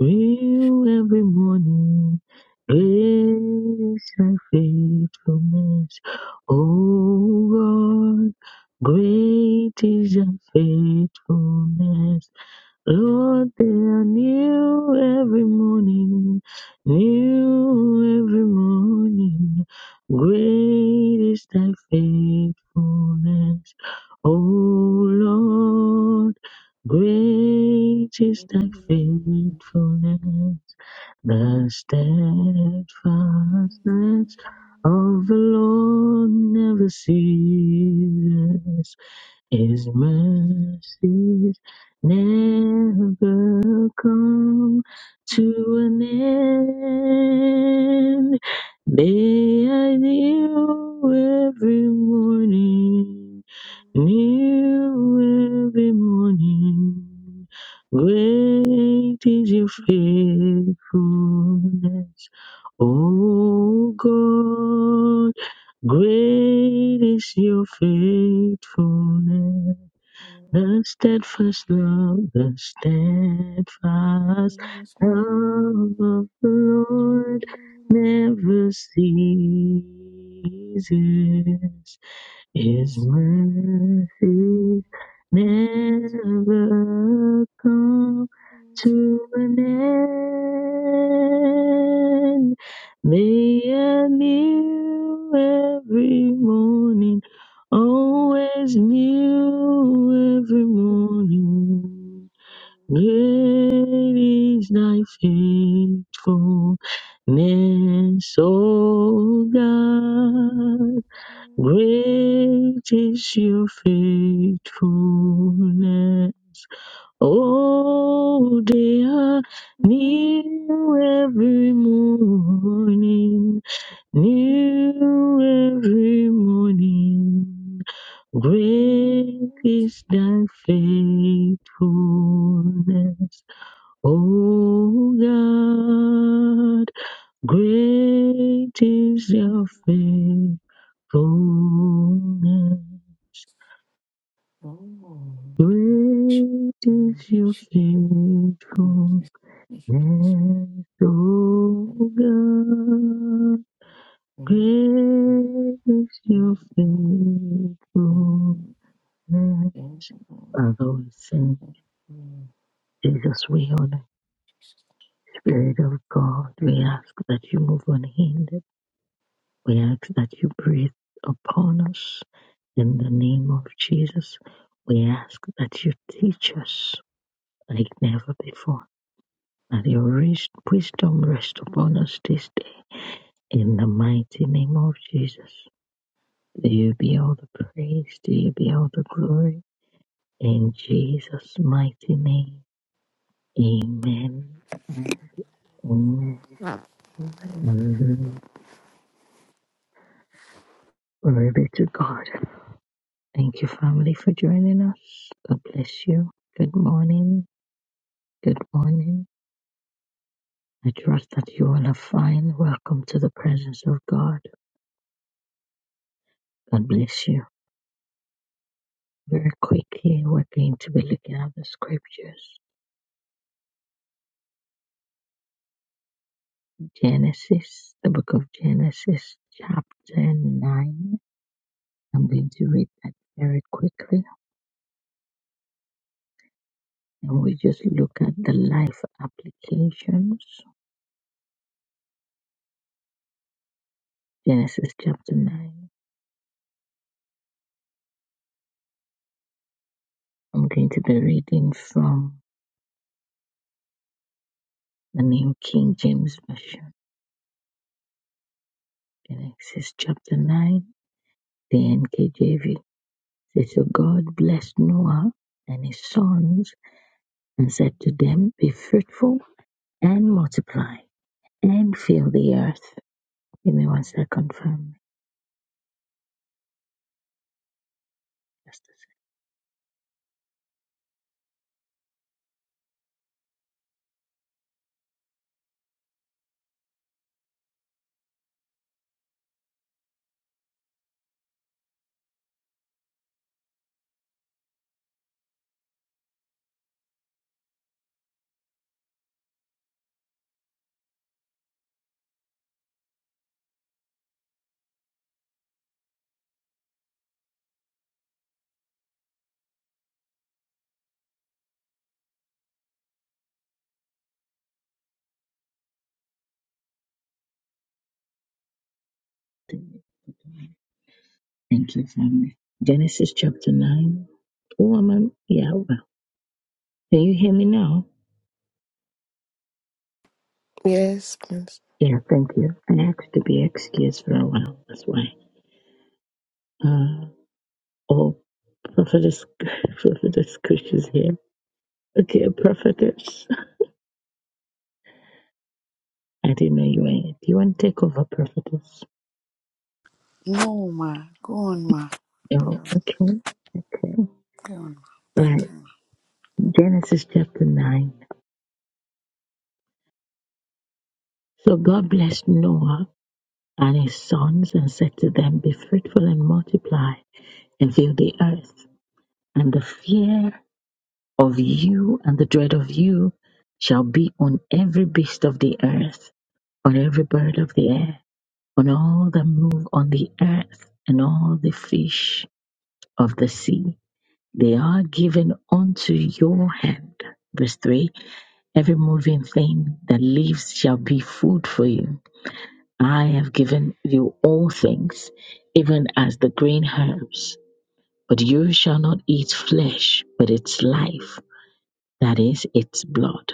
[SPEAKER 1] new every morning. Great is and faithfulness. Oh God, great is your faithfulness. Lord, they are new every morning, new every morning. Great is thy faithfulness, O Lord. Great is thy
[SPEAKER 2] you,
[SPEAKER 1] faithfulness. The steadfastness of the Lord never ceases. His mercies never come to an end. They are new every morning. New every morning, great is your faithfulness. O God, great is your faithfulness. The steadfast love, the steadfast love of the Lord never ceases. His mercies never come to an end. They are new every morning
[SPEAKER 2] thank you,
[SPEAKER 1] always new every
[SPEAKER 2] thank you.
[SPEAKER 1] morning. Great is thy faithfulness, O God. Great is your faithfulness. Oh, they are new every morning. New every morning, great is thy faithfulness, O God. Great is your faithfulness. Great is your faithfulness, O God. Great is your faithfulness. Father, we sing, Jesus, we honor the Spirit of God. We ask that you move unhindered. We ask that you breathe upon us in the name of Jesus. We ask that you teach us like never before. That your wis- wisdom rest upon us this day. In the mighty name of Jesus. To you be all the praise. To you be all the glory. In Jesus' mighty name, amen and amen. Hallelujah. Glory be to God. Thank you, family, for joining us. God bless you. Good morning. Good morning. I trust that you all are fine. Welcome to the presence of God. God bless you. Very quickly, we're going to be looking at the scriptures. Genesis, the book of Genesis, chapter 9. I'm going to read that very quickly And we just look at the life applications. Genesis chapter 9. I'm going to be reading from the New King James Version. Genesis chapter 9, the NKJV. It says, So God blessed Noah and his sons and said to them, Be fruitful and multiply and fill the earth. Give me one second, family. Just a second. Thank you, family. Genesis chapter 9. Woman, yeah, Can you hear me now?
[SPEAKER 2] Yes, please.
[SPEAKER 1] Yeah, thank you. I asked to be excused for a while. That's why. Uh, oh, prophetess, prophetess Kush is here. Okay, prophetess. I didn't know you were here. Do you want to take over, prophetess?
[SPEAKER 3] No, ma. Go on, ma. Go
[SPEAKER 1] No. Okay. Okay.
[SPEAKER 3] go on, ma. Thank
[SPEAKER 1] Right.
[SPEAKER 3] you. ma.
[SPEAKER 1] Genesis chapter 9. So God blessed Noah and his sons and said to them, Be fruitful and multiply and fill the earth. And the fear of you and the dread of you shall be on every beast of the earth, on every bird of the air, on all that move on the earth, and all the fish of the sea. They are given unto your hand. Verse 3 Every moving thing that lives shall be food for you. I have given you all things, even as the green herbs. But you shall not eat flesh, but its life that is, its blood.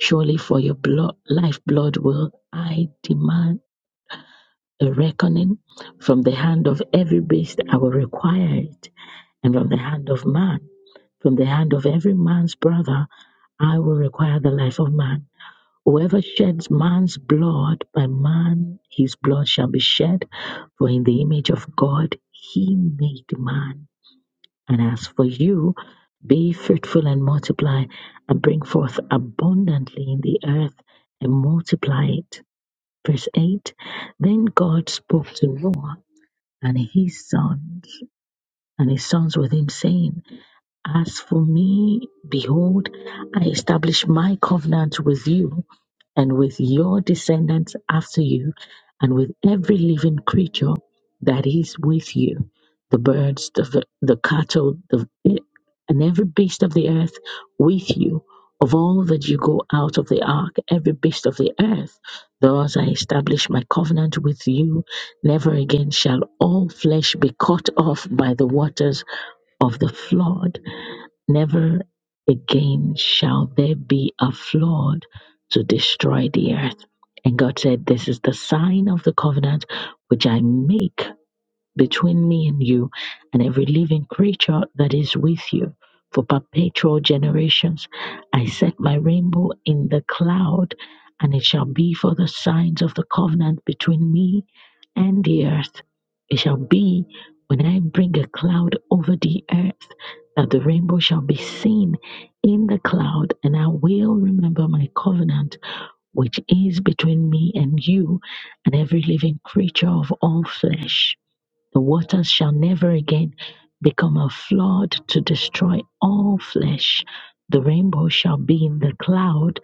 [SPEAKER 1] Surely for your blood, lifeblood will I demand a reckoning. From the hand of every beast I will require it, and from the hand of man, from the hand of every man's brother, I will require the life of man. Whoever sheds man's blood, by man his blood shall be shed, for in the image of God he made man. And as for you, be fruitful and multiply, and bring forth abundantly in the earth and multiply it. Verse 8 Then God spoke to Noah and his sons, and his sons with him, saying, As for me, behold, I establish my covenant with you and with your descendants after you, and with every living creature that is with you the birds, the, v- the cattle, the, and every beast of the earth with you. Of all that you go out of the ark, every beast of the earth, thus I establish my covenant with you. Never again shall all flesh be cut off by the waters of the flood Never again shall there be a flood to destroy the earth. And God said, This is the sign of the covenant which I make between me and you and every living creature that is with you for perpetual generations. I set my rainbow in the cloud, and it shall be for the signs of the covenant between me and the earth. It shall be when I bring a cloud over the earth that the rainbow shall be seen in the cloud, and I will remember my covenant which is between me and you and every living creature of all flesh. The waters shall never again become a flood to destroy all flesh. The rainbow shall be in the cloud,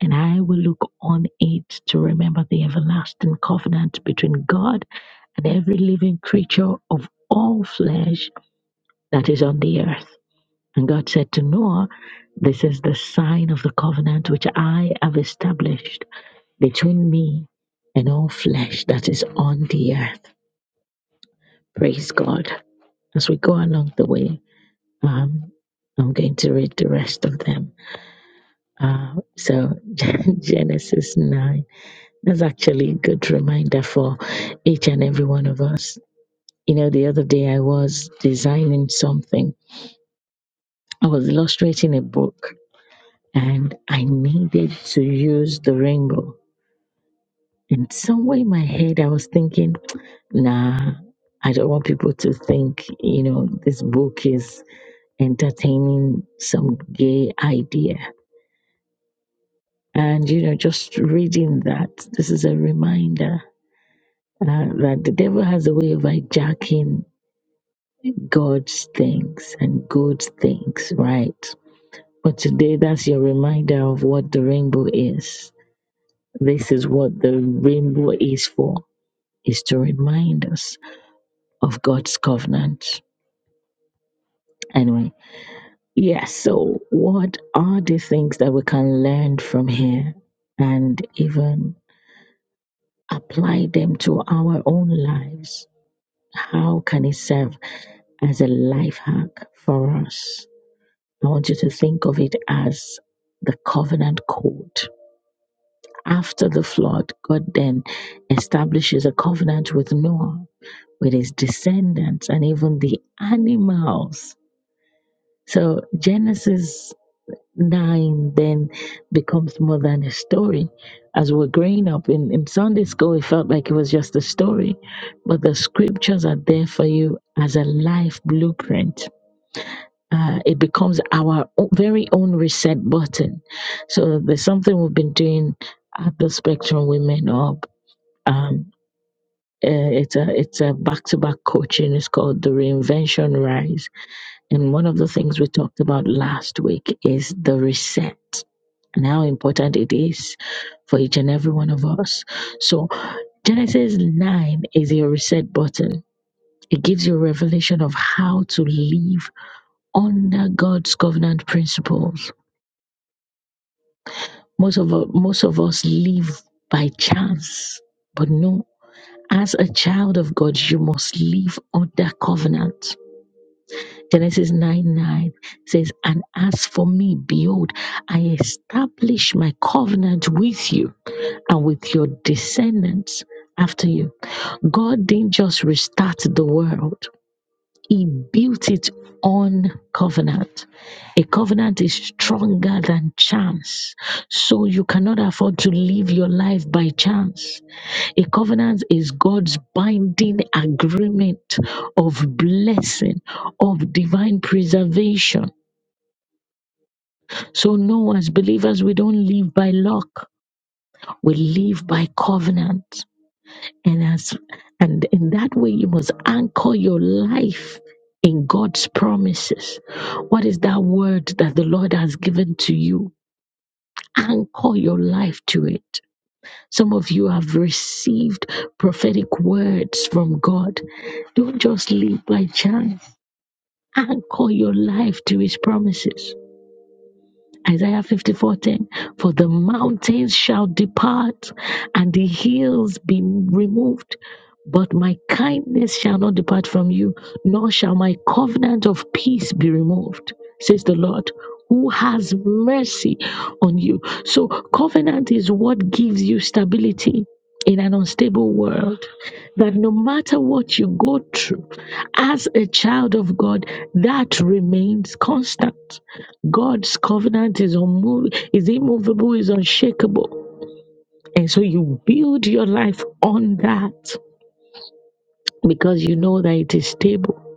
[SPEAKER 1] and I will look on it to remember the everlasting covenant between God and every living creature of all flesh that is on the earth. And God said to Noah, This is the sign of the covenant which I have established between me and all flesh that is on the earth. Praise God. As we go along the way, Um, I'm going to read the rest of them. Uh, so, Genesis 9, that's actually a good reminder for each and every one of us. You know, the other day I was designing something, I was illustrating a book, and I needed to use the rainbow. And somewhere in my head, I was thinking, nah, I don't want people to think, you know, this book is entertaining some gay idea And, you know, just reading that, this is a reminder uh, that the devil has a way of hijacking God's things and good things, right? But today, that's your reminder of what the rainbow is. This is what the rainbow is for, is to remind us of God's covenant. Anyway, yes, so what are the things that we can learn from here and even apply them to our own lives? How can it serve as a life hack for us? I want you to think of it as the covenant code. After the flood, God then establishes a covenant with Noah, with his descendants, and even the animals. So Genesis 9 then becomes more than a story. As we're growing up in, in Sunday school, it felt like it was just a story, but the scriptures are there for you as a life blueprint uh, it becomes our o- very own reset button. So there's something we've been doing at the Spectrum Women Up. Um, uh, it's a it's a back to back coaching. It's called the Reinvention Rise, and one of the things we talked about last week is the reset and how important it is for each and every one of us. So Genesis nine is your reset button. It gives you a revelation of how to live under God's covenant principles Most of u- most of us live by chance, but no. As a child of God, you must live under covenant. Genesis 9 9 says, And as for me, behold, I establish my covenant with you and with your descendants after you. God didn't just restart the world, he built it on covenant. A covenant is stronger than chance. So you cannot afford to live your life by chance. A covenant is God's binding agreement of blessing, of divine preservation. So, no, as believers, we don't live by luck, we live by covenant. And as and in that way you must anchor your life in God's promises. What is that word that the Lord has given to you? Anchor your life to it. Some of you have received prophetic words from God. Don't just live by chance. Anchor your life to his promises Isaiah 54:10 For the mountains shall depart and the hills be removed but my kindness shall not depart from you nor shall my covenant of peace be removed says the Lord who has mercy on you so covenant is what gives you stability in an unstable world that no matter what you go through as a child of God that remains constant God's covenant is unmovable, is immovable, is unshakable. And so you build your life on that because you know that it is stable.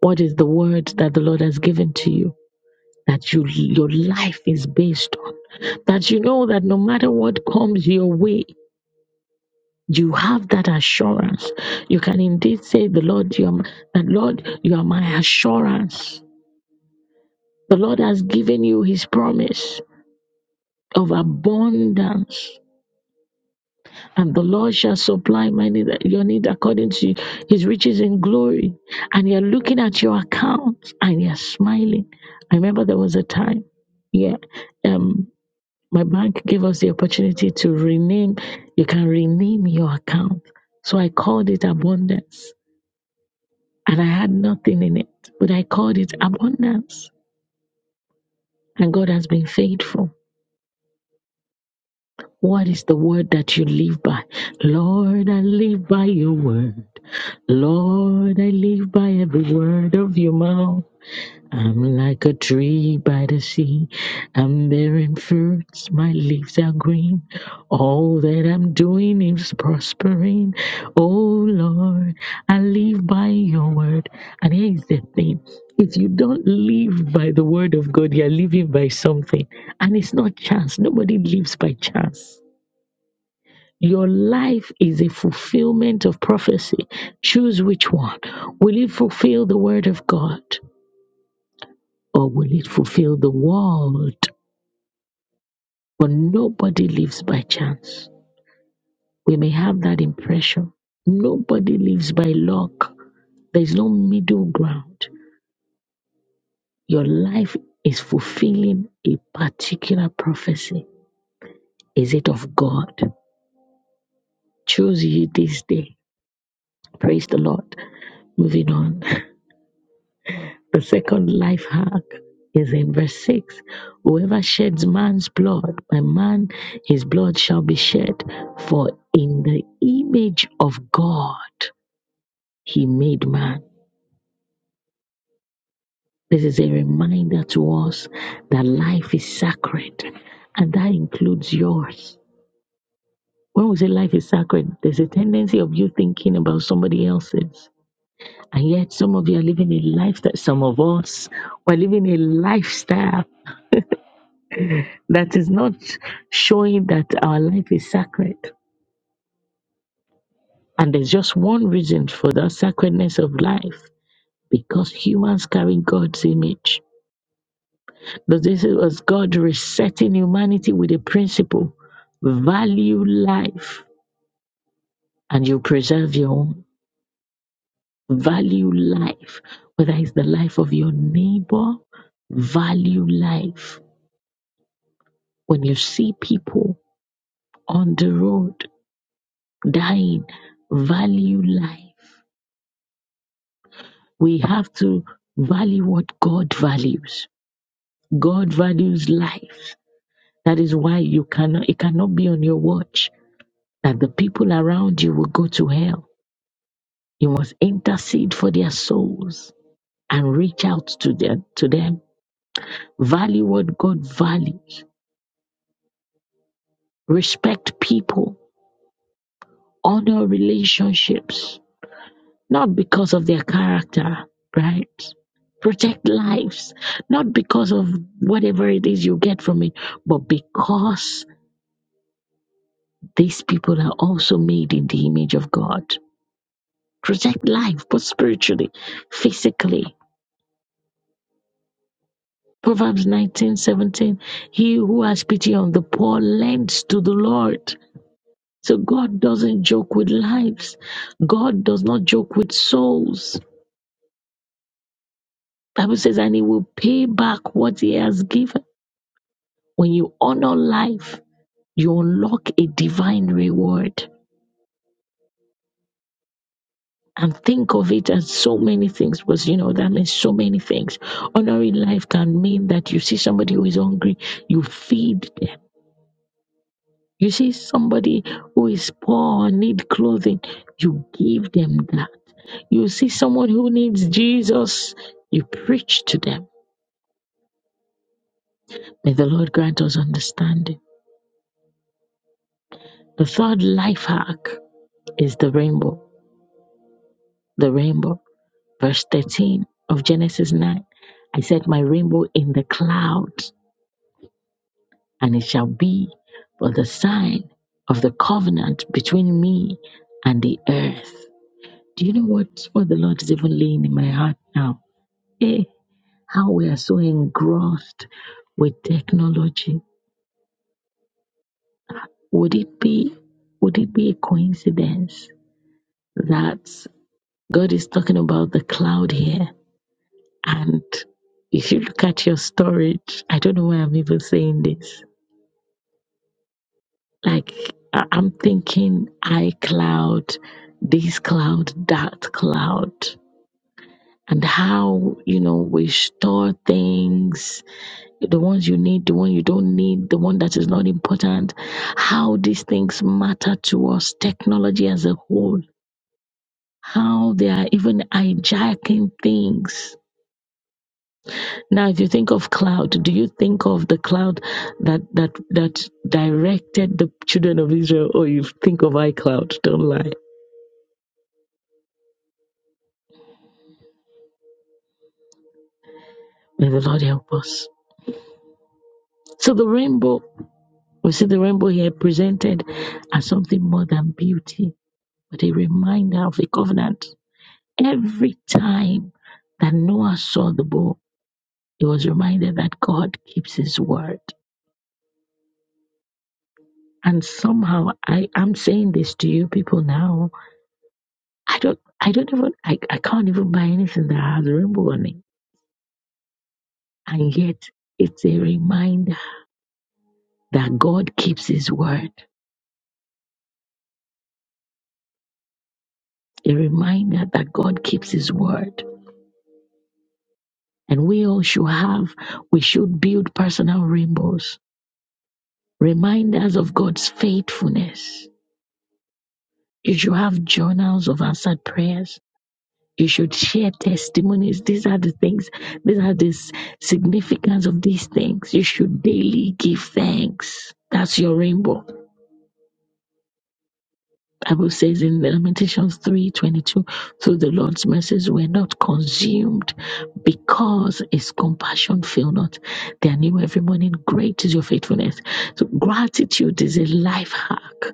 [SPEAKER 1] What is the word that the Lord has given to you? That you your life is based on. That you know that no matter what comes your way, you have that assurance. You can indeed say, The Lord, you are my, that Lord, you are my assurance. The Lord has given you his promise of abundance And the Lord shall supply my need, your need according to his riches in glory. And you're looking at your account and you're smiling. I remember there was a time, yeah, um, my bank gave us the opportunity to rename, you can rename your account. So I called it abundance and I had nothing in it, but I called it abundance. And God has been faithful. What is the word that you live by? Lord, I live by your word. Lord, I live by every word of your mouth. I'm like a tree by the sea. I'm bearing fruits, my leaves are green. All that I'm doing is prospering. Oh Lord, I live by your word. And here's the thing if you don't live by the word of God, you're living by something. And it's not chance. Nobody lives by chance. Your life is a fulfillment of prophecy. Choose which one. Will it fulfill the word of God or will it fulfill the world? But nobody lives by chance. We may have that impression. Nobody lives by luck. There's no middle ground. Your life is fulfilling a particular prophecy. Is it of God? Choose ye this day. Praise the Lord. Moving on. The second life hack is in verse 6 Whoever sheds man's blood, by man his blood shall be shed. For in the image of God he made man. This is a reminder to us that life is sacred, and that includes yours. When we say life is sacred, there's a tendency of you thinking about somebody else's. And yet, some of you are living a lifestyle, some of us, are living a lifestyle That is not showing that our life is sacred. And there's just one reason for the sacredness of life because humans carry God's image. But this was God resetting humanity with a principle value life and you preserve your own. Value life, whether it's the life of your neighbor, value life. When you see people on the road dying, value life. we have to value what God values. God values life. That is why you cannot it cannot be on your watch that the people around you will go to hell. You must intercede for their souls and reach out to them to them. Value what God values. Respect people. Honor relationships not because of their character, right? Protect lives, not because of whatever it is you get from it, but because these people are also made in the image of God. Protect life, both spiritually, physically. Proverbs nineteen seventeen: He who has pity on the poor lends to the Lord. So God doesn't joke with lives. God does not joke with souls. Bible says, and he will pay back what he has given. When you honor life, you unlock a divine reward. And think of it as so many things, because you know that means so many things. Honoring life can mean that you see somebody who is hungry, you feed them. You see somebody who is poor, need clothing, you give them that. You see someone who needs Jesus, you preach to them. May the Lord grant us understanding. The third life hack is the rainbow. The rainbow. verse 13 of Genesis 9. I set my rainbow in the clouds, and it shall be for the sign of the covenant between me and the earth. Do you know what, what the Lord is even laying in my heart now? Eh, how we are so engrossed with technology. Would it be would it be a coincidence that God is talking about the cloud here? And if you look at your storage, I don't know why I'm even saying this. Like I- I'm thinking iCloud, this cloud, that cloud, and how you know we store things, the ones you need, the one you don't need, the one that is not important, how these things matter to us, technology as a whole, how they are even hijacking things Now, if you think of cloud, do you think of the cloud that that that directed the children of Israel, or you think of iCloud? Don't lie. May the Lord help us. So the rainbow, we see the rainbow here presented as something more than beauty, but a reminder of the covenant. Every time that Noah saw the bow, he was reminded that God keeps his word. And somehow I am saying this to you people now I don't I don't even I, I can't even buy anything that has a rainbow on it. And yet it's a reminder that God keeps his word. A reminder that God keeps his word. And we all should have, we should build personal rainbows, reminders of God's faithfulness. You should have journals of answered prayers. You should share testimonies. These are the things, these are the s- significance of these things. You should daily give thanks. That's your rainbow Bible says in Lamentations 3:22, through the Lord's mercies we're not consumed because his compassion fail not. They are new every morning. Great is your faithfulness. So gratitude is a life hack.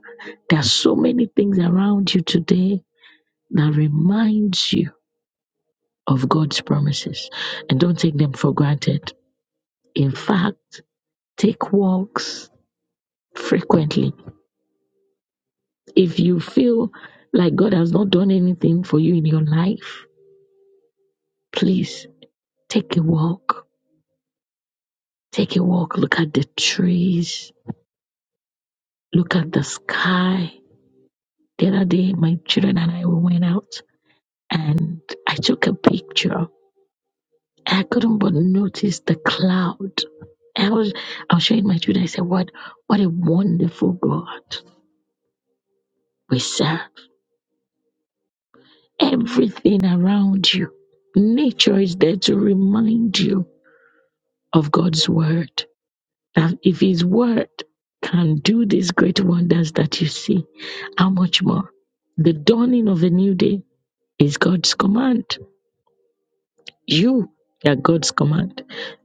[SPEAKER 1] There are so many things around you today that reminds you of God's promises. And don't take them for granted. In fact, take walks frequently. If you feel like God has not done anything for you in your life, Please take a walk. Take a walk. Look at the trees. Look at the sky. The other day, my children and I we went out and I took a picture. I couldn't but notice the cloud. I was, I was showing my children. I said, "What, what a wonderful God we serve! Everything around you, nature is there to remind you of God's word. That if His word can do these great wonders that you see, how much more? The dawning of a new day is God's command. You are God's command.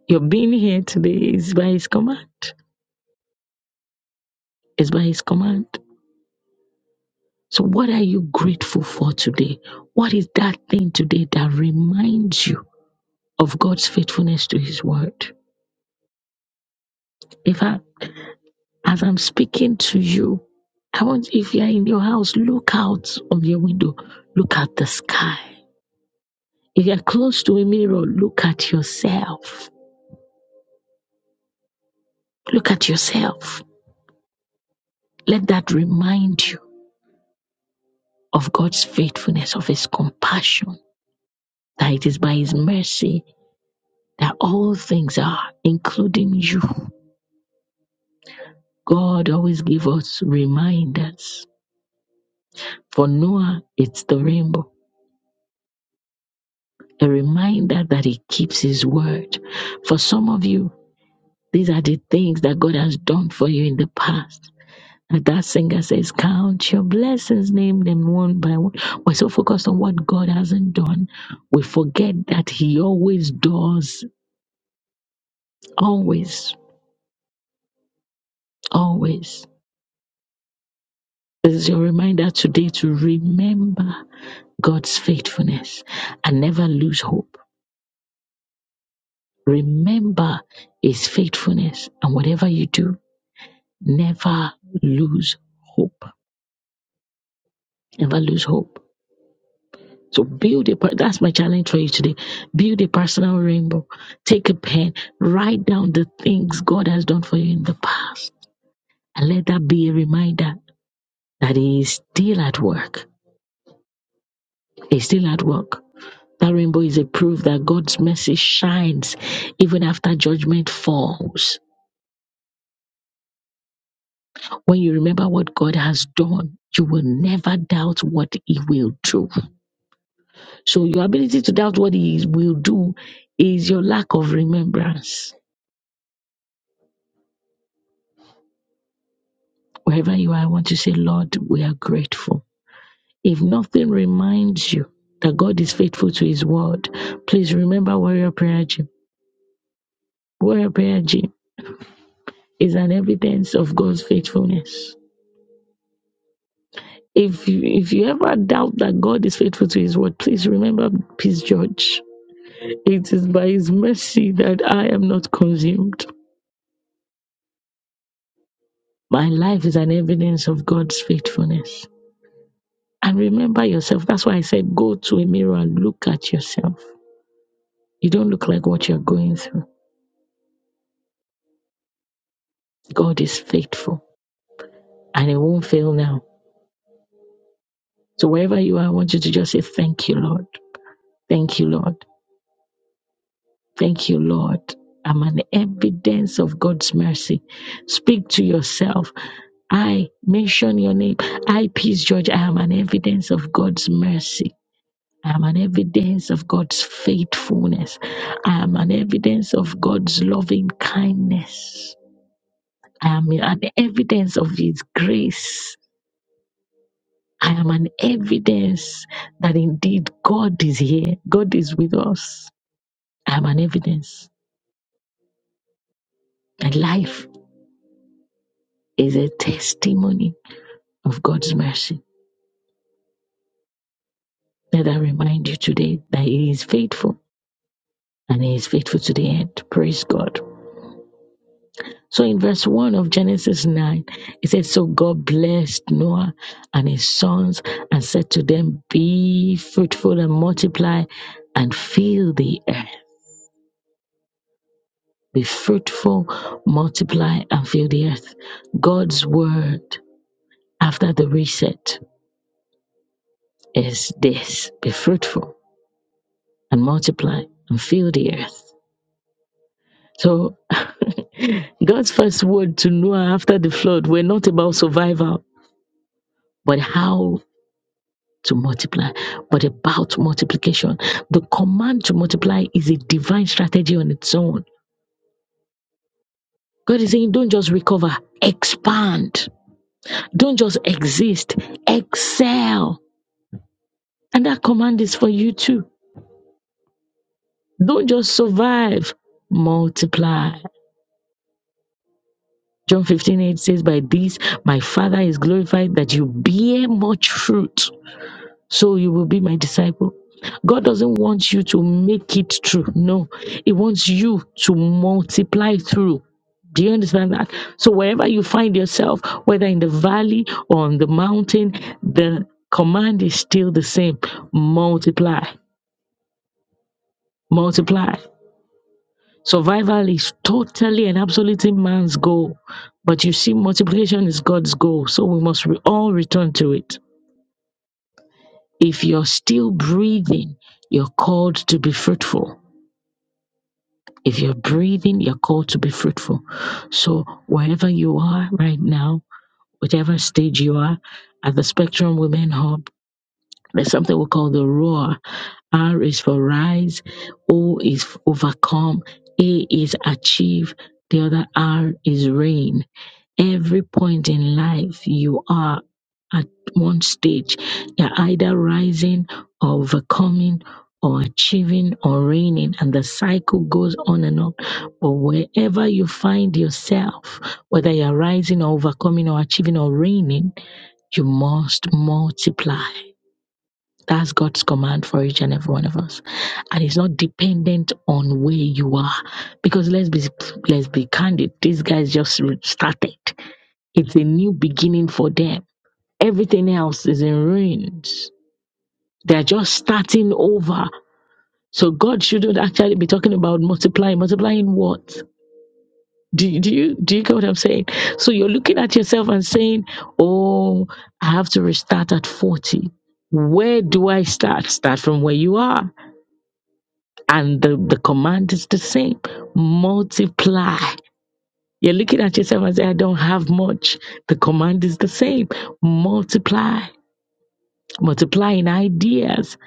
[SPEAKER 1] Your being here today is by His command. Is by His command. So, what are you grateful for today? What is that thing today that reminds you of God's faithfulness to His word? In fact, As I'm speaking to you, I want if you are in your house, look out of your window, look at the sky. If you're close to a mirror, look at yourself. Look at yourself. Let that remind you of God's faithfulness, of His compassion, that it is by His mercy that all things are, including you. God always gives us reminders. For Noah, it's the rainbow, a reminder that He keeps His word. For some of you, These are the things that God has done for you in the past. And that singer says, Count your blessings, name them one by one. We're so focused on what God hasn't done, we forget that He always does. Always, always. This is your reminder today to remember God's faithfulness and never lose hope. Remember His faithfulness. And whatever you do, never lose hope. Never lose hope. So build a, per- that's my challenge for you today. Build a personal rainbow. Take a pen, write down the things God has done for you in the past. And let that be a reminder that He is still at work. He's still at work. That rainbow is a proof that God's mercy shines even after judgment falls. When you remember what God has done, you will never doubt what He will do. So your ability to doubt what He will do is your lack of remembrance Wherever you are, I want to say, Lord, we are grateful. If nothing reminds you that God is faithful to his word, please remember Warrior Prayer Gym. Warrior Prayer Gym is an evidence of God's faithfulness. If you, if you ever doubt that God is faithful to his word, please remember Peace George. It is by his mercy that I am not consumed. My life is an evidence of God's faithfulness. And remember yourself. That's why I said go to a mirror and look at yourself. You don't look like what you're going through. God is faithful and it won't fail now. So wherever you are, I want you to just say, Thank you, Lord. Thank you, Lord. Thank you, Lord. I'm an evidence of God's mercy. Speak to yourself. I mention your name. I, Peace George, I am an evidence of God's mercy. I am an evidence of God's faithfulness. I am an evidence of God's loving kindness. I am an evidence of His grace. I am an evidence that indeed God is here. God is with us. I am an evidence. My life is a testimony of God's mercy. Let I remind you today that He is faithful and He is faithful to the end. Praise God. So in verse 1 of Genesis 9, it says, So God blessed Noah and his sons and said to them, Be fruitful and multiply and fill the earth Be fruitful, multiply, and fill the earth. God's word after the reset is this be fruitful and multiply and fill the earth. So, God's first word to Noah after the flood were not about survival, but how to multiply, but about multiplication. The command to multiply is a divine strategy on its own. God is saying, don't just recover, expand. Don't just exist, excel And that command is for you too. Don't just survive, multiply. John 15 8 says, By this my Father is glorified that you bear much fruit, so you will be my disciple. God doesn't want you to make it true. No, He wants you to multiply through. Do you understand that? So, wherever you find yourself, whether in the valley or on the mountain, the command is still the same multiply, multiply. Survival is totally and absolutely man's goal. But you see, multiplication is God's goal. So we must re- all return to it. If you're still breathing, you're called to be fruitful. If you're breathing, you're called to be fruitful. So wherever you are right now, whatever stage you are, at the Spectrum Women Hub, there's something we call the roar. R is for rise, O is overcome, A is achieve, the other R is reign. every point in life you are at one stage you're either rising or overcoming or achieving or reigning and the cycle goes on and on but wherever you find yourself whether you're rising or overcoming or achieving or reigning you must multiply that's god's command for each and every one of us and it's not dependent on where you are because let's be let's be candid these guys just started it's a new beginning for them. Everything else is in ruins. They're just starting over. So God shouldn't actually be talking about multiplying. Multiplying what? Do you, do you do you get what I'm saying? So you're looking at yourself and saying, "Oh, I have to restart at 40. Where do I start? Start from where you are." And the, the command is the same. Multiply. You're looking at yourself and say, "I don't have much." The command is the same. Multiply multiplying ideas,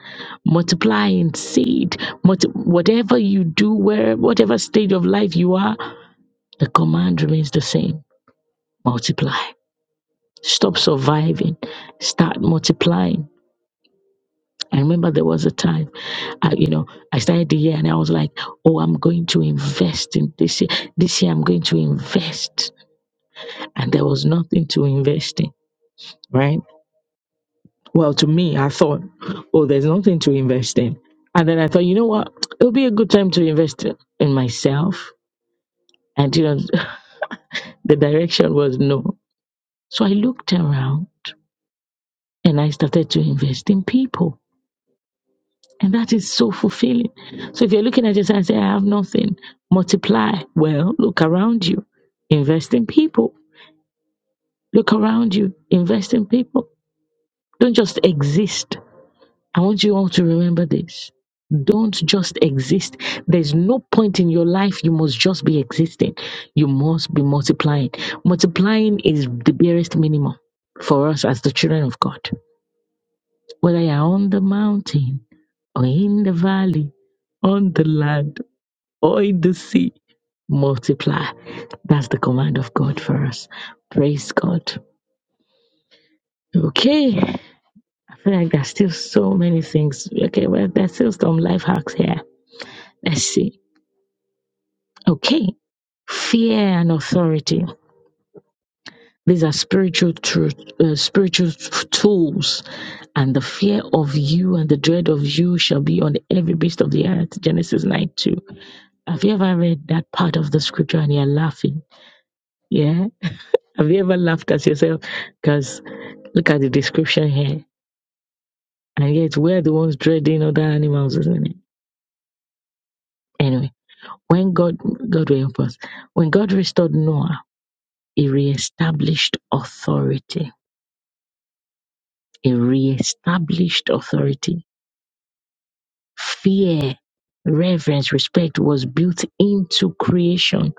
[SPEAKER 1] multiplying seed, multi- whatever you do, where whatever stage of life you are, the command remains the same. Multiply. Stop surviving. Start multiplying. I remember there was a time, I, you know, I started the year and I was like, "Oh, I'm going to invest in this year. This year I'm going to invest," and there was nothing to invest in, right? Well, to me, I thought, oh, there's nothing to invest in. And then I thought, you know what? It'll be a good time to invest in in myself. And, you know, the direction was no. So I looked around and I started to invest in people. And that is so fulfilling. So if you're looking at yourself and say, I have nothing, multiply. Well, look around you, invest in people. Look around you, invest in people. Don't just exist I want you all to remember this. Don't just exist. There's no point in your life you must just be existing. You must be multiplying. Multiplying is the barest minimum for us as the children of God. Whether you're on the mountain or in the valley, on the land or in the sea, multiply. That's the command of God for us. Praise God. Okay, I feel like there's still so many things. Okay, well, there's still some life hacks here. Let's see. Okay. Fear and authority. These are spiritual truth, uh, spiritual f- tools, and the fear of you and the dread of you shall be on every beast of the earth. Genesis 9 2. Have you ever read that part of the scripture and you're laughing? Yeah. Have you ever laughed at yourself? Because look at the description here. And yet we're the ones dreading other animals, isn't it? Anyway, when God God will help us. When God restored Noah, he reestablished authority. A reestablished authority, fear, reverence, respect was built into creation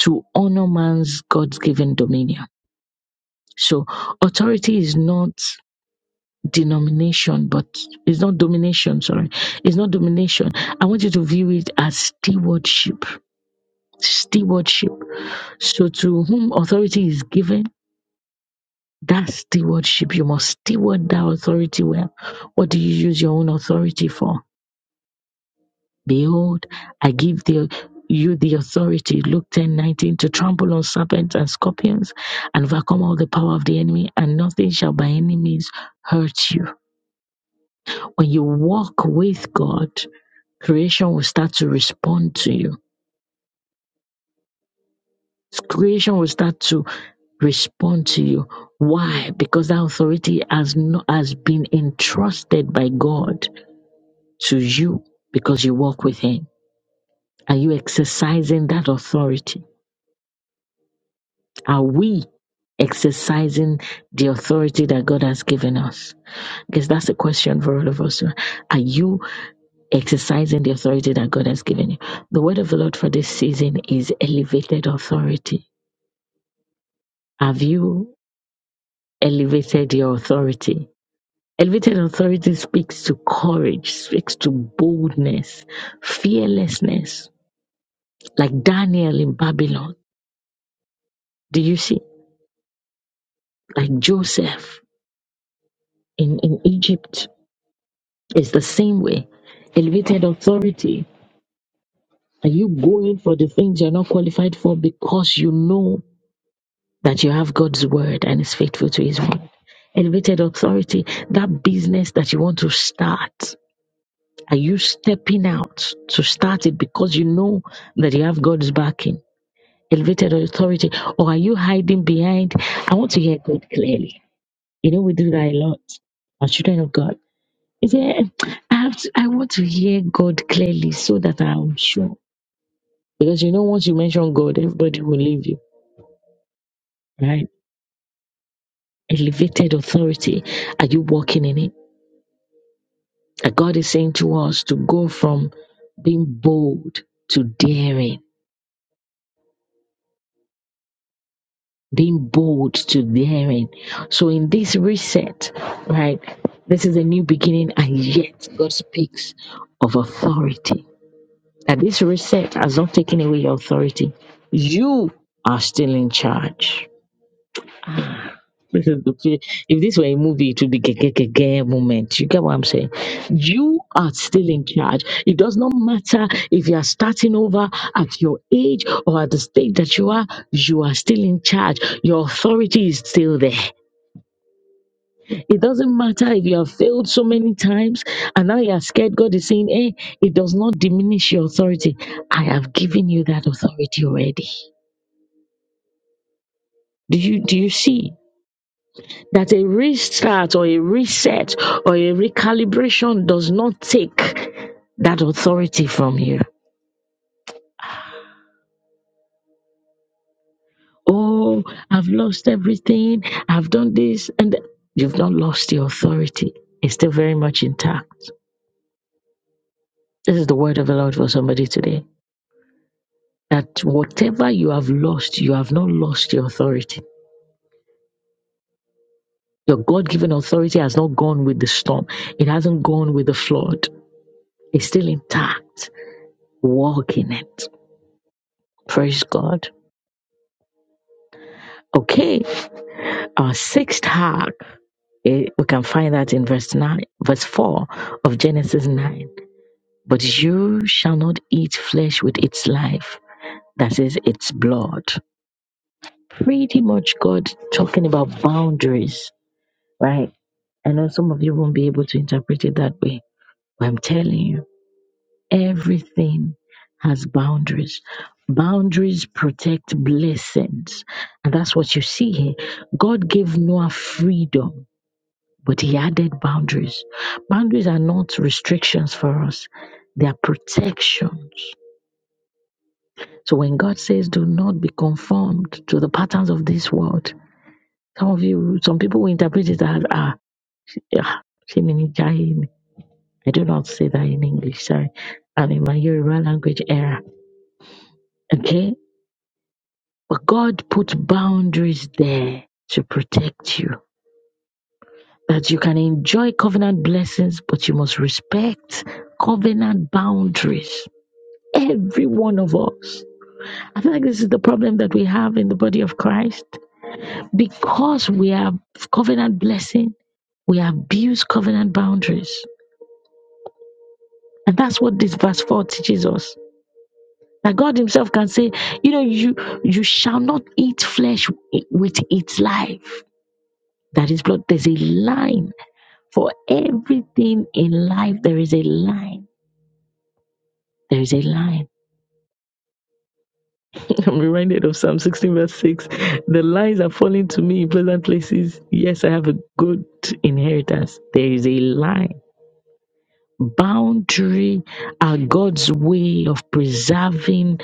[SPEAKER 1] to honor man's God given dominion. So authority is not denomination, but it's not domination, sorry. It's not domination. I want you to view it as stewardship. Stewardship. So to whom authority is given, that stewardship, you must steward that authority well. What do you use your own authority for? Behold, I give the, you the authority, Luke ten nineteen, to trample on serpents and scorpions and overcome all the power of the enemy, and nothing shall by any means hurt you. When you walk with God, creation will start to respond to you. Creation will start to respond to you. Why? Because that authority has no, has been entrusted by God to you because you walk with Him. Are you exercising that authority? Are we exercising the authority that God has given us? Because that's a question for all of us. Are you exercising the authority that God has given you? The word of the Lord for this season is elevated authority. Have you elevated your authority? Elevated authority speaks to courage, speaks to boldness, fearlessness, like Daniel in Babylon. Do you see? Like Joseph in, in Egypt It's the same way. Elevated authority. Are you going for the things you're not qualified for because you know that you have God's word and is faithful to his word? Elevated authority. That business that you want to start. Are you stepping out to start it because you know that you have God's backing? Elevated authority. Or are you hiding behind? I want to hear God clearly. You know, we do that a lot as children of God Yeah, I have to, I want to hear God clearly so that I'm sure. Because you know, once you mention God, everybody will leave you, right? Elevated authority. Are you walking in it? And God is saying to us to go from being bold to daring, being bold to daring. So in this reset, right, this is a new beginning, and yet God speaks of authority that this reset has not taken away your authority. You are still in charge. Ah, This is the fe- if this were a movie, it would be gege moment. You get what I'm saying? You are still in charge. It does not matter if you are starting over at your age or at the state that you are. You are still in charge. Your authority is still there. It doesn't matter if you have failed so many times and now you are scared. God is saying, Hey, it does not diminish your authority. I have given you that authority already. Do you do you see that a restart or a reset or a recalibration does not take that authority from you? Oh, I've lost everything, I've done this, and th-" you've not lost the authority. It's still very much intact. This is the word of the Lord for somebody today. that whatever you have lost, you have not lost your authority. Your God given authority has not gone with the storm, it hasn't gone with the flood. It's still intact. Walk in it. Praise God. Okay, our sixth hack, eh, we can find that in verse 9, verse 4 of Genesis 9. But you shall not eat flesh with its life, that is, its blood. Pretty much God talking about boundaries right? I know some of you won't be able to interpret it that way, but I'm telling you, everything has boundaries. Boundaries protect blessings. And that's what you see here. God gave Noah freedom, but he added boundaries. Boundaries are not restrictions for us, they are protections. So when God says, do not be conformed to the patterns of this world, some of you, some people will interpret it as, ah, yeah, I do not say that in English. Sorry. I'm in my Yoruba language era. Okay? But God put boundaries there to protect you. That you can enjoy covenant blessings, but you must respect covenant boundaries. Every one of us. I feel like this is the problem that we have in the body of Christ. Because we have covenant blessing, we abuse covenant boundaries. And that's what this verse 4 teaches us That God Himself can say, you know, you you shall not eat flesh with its life. That is blood. There's a line for everything in life. There is a line. There is a line. I'm reminded of Psalm 16, verse 6. The lines are falling to me in pleasant places. Yes, I have a good inheritance. There is a line. Boundary are God's way of preserving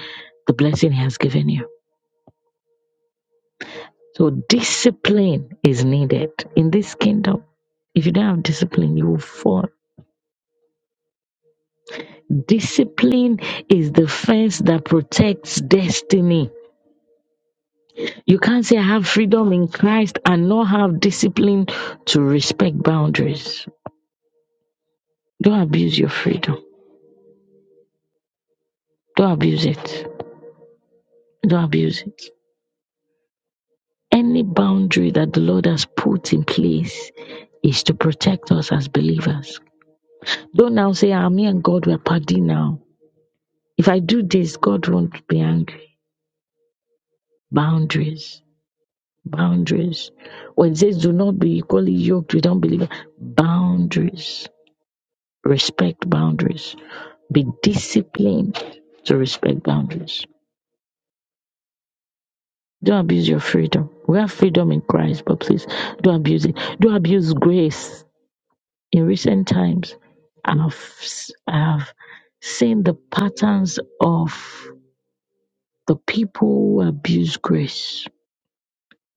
[SPEAKER 1] the blessing He has given you So discipline is needed in this kingdom. If you don't have discipline, you will fall. Discipline is the fence that protects destiny. You can't say I have freedom in Christ and not have discipline to respect boundaries. Don't abuse your freedom. Don't abuse it. Don't abuse it. Any boundary that the Lord has put in place is to protect us as believers. Don't now say, I'm me and God, we're party now. If I do this, God won't be angry. Boundaries. Boundaries. When it says do not be equally yoked with unbelievers, boundaries. Respect boundaries. Be disciplined to respect boundaries. Don't abuse your freedom. We have freedom in Christ, but please don't abuse it. Don't abuse grace. In recent times, I've, I've seen the patterns of the people who abuse grace.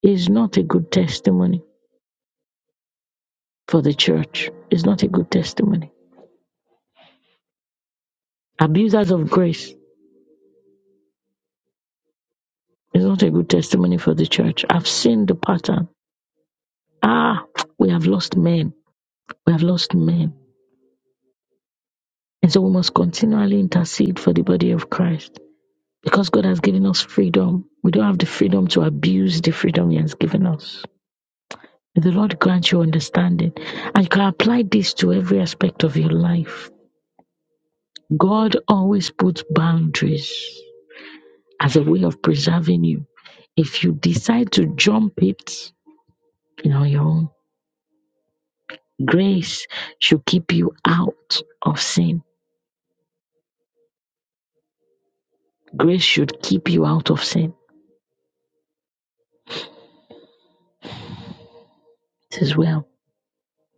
[SPEAKER 1] It's not a good testimony for the church is not a good testimony. Abusers of grace is not a good testimony for the church. I've seen the pattern. Ah, we have lost men. We have lost men. And so we must continually intercede for the body of Christ. Because God has given us freedom, we don't have the freedom to abuse the freedom He has given us. May the Lord grant you understanding. And you can apply this to every aspect of your life. God always puts boundaries. as a way of preserving you. If you decide to jump it, you know, your own grace should keep you out of sin. Grace should keep you out of sin. It is well.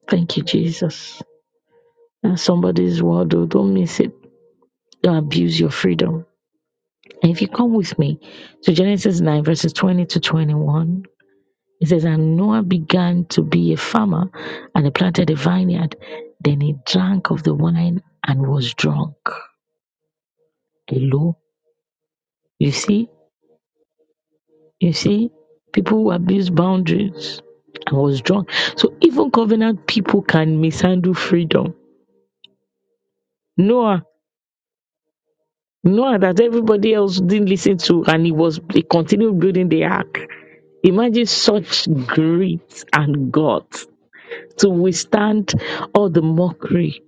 [SPEAKER 1] Thank you, Jesus. And somebody's word, though. Don't miss it. Don't abuse your freedom. And if you come with me to Genesis 9, verses 20 to 21, it says, And Noah began to be a farmer and he planted a vineyard. Then he drank of the wine and was drunk. Hello? You see, you see, people who abuse boundaries. I was drunk. So even covenant people can mishandle freedom. Noah, Noah that everybody else didn't listen to and he was he continued building the ark. Imagine such grit and guts to withstand all the mockery.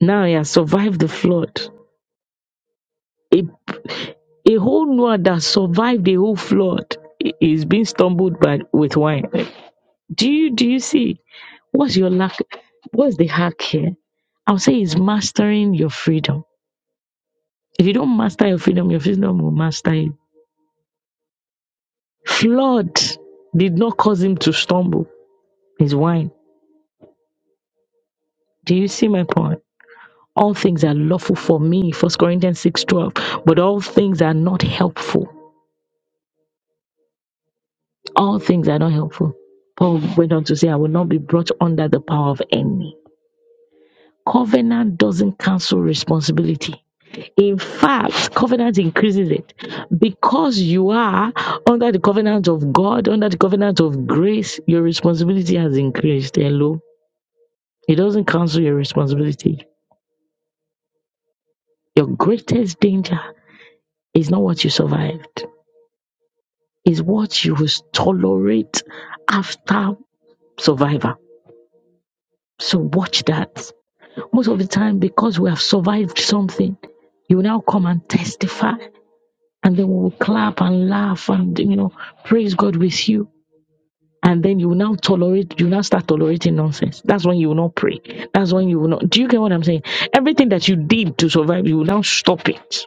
[SPEAKER 1] Now he has survived the flood. A, a whole Noah that survived the whole flood i- is being stumbled by with wine. Do you do you see? What's your lack? What's the hack here? I'll say it's mastering your freedom. If you don't master your freedom, your freedom will master you. Flood did not cause him to stumble. His wine. Do you see my point? All things are lawful for me, First Corinthians six twelve. but all things are not helpful. All things are not helpful. Paul went on to say, I will not be brought under the power of any. Covenant doesn't cancel responsibility. In fact, covenant increases it because you are under the covenant of God, under the covenant of grace. Your responsibility has increased. Hello, it doesn't cancel your responsibility. Your greatest danger is not what you survived, is what you will tolerate after survivor. So watch that. Most of the time, because we have survived something, you now come and testify, and then we will clap and laugh and you know praise God with you and then you will now tolerate you now start tolerating nonsense that's when you will not pray that's when you will not do you get what i'm saying everything that you did to survive you will now stop it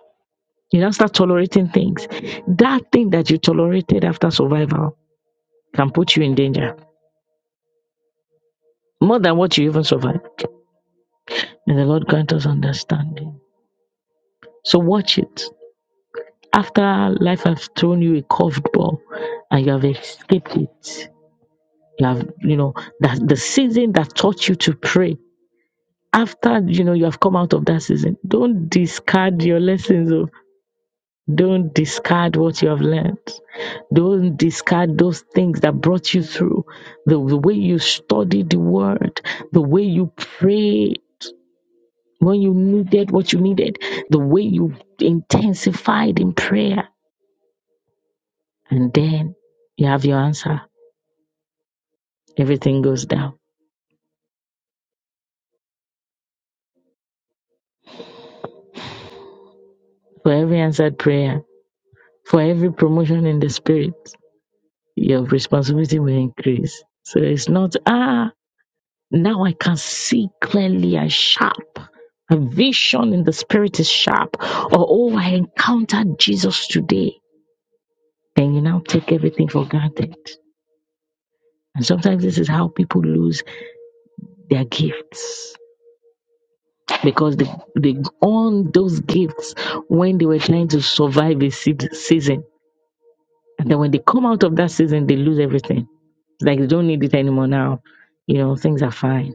[SPEAKER 1] you now start tolerating things that thing that you tolerated after survival can put you in danger more than what you even survived may the lord grant us understanding so watch it after life has thrown you a curved ball and you have escaped it you have you know that the season that taught you to pray after you know you have come out of that season don't discard your lessons oh. don't discard what you have learned don't discard those things that brought you through the, the way you studied the word the way you prayed when you needed what you needed the way you intensified in prayer and then you have your answer everything goes down for every answered prayer for every promotion in the spirit your responsibility will increase so it's not ah Now I can see clearly and sharp. My vision in the spirit is sharp. Or, oh, I encountered Jesus today. Then you now take everything for granted. And sometimes this is how people lose their gifts because they, they own those gifts when they were trying to survive a se- season. And then when they come out of that season, they lose everything. It's like they don't need it anymore now. You know, things are fine.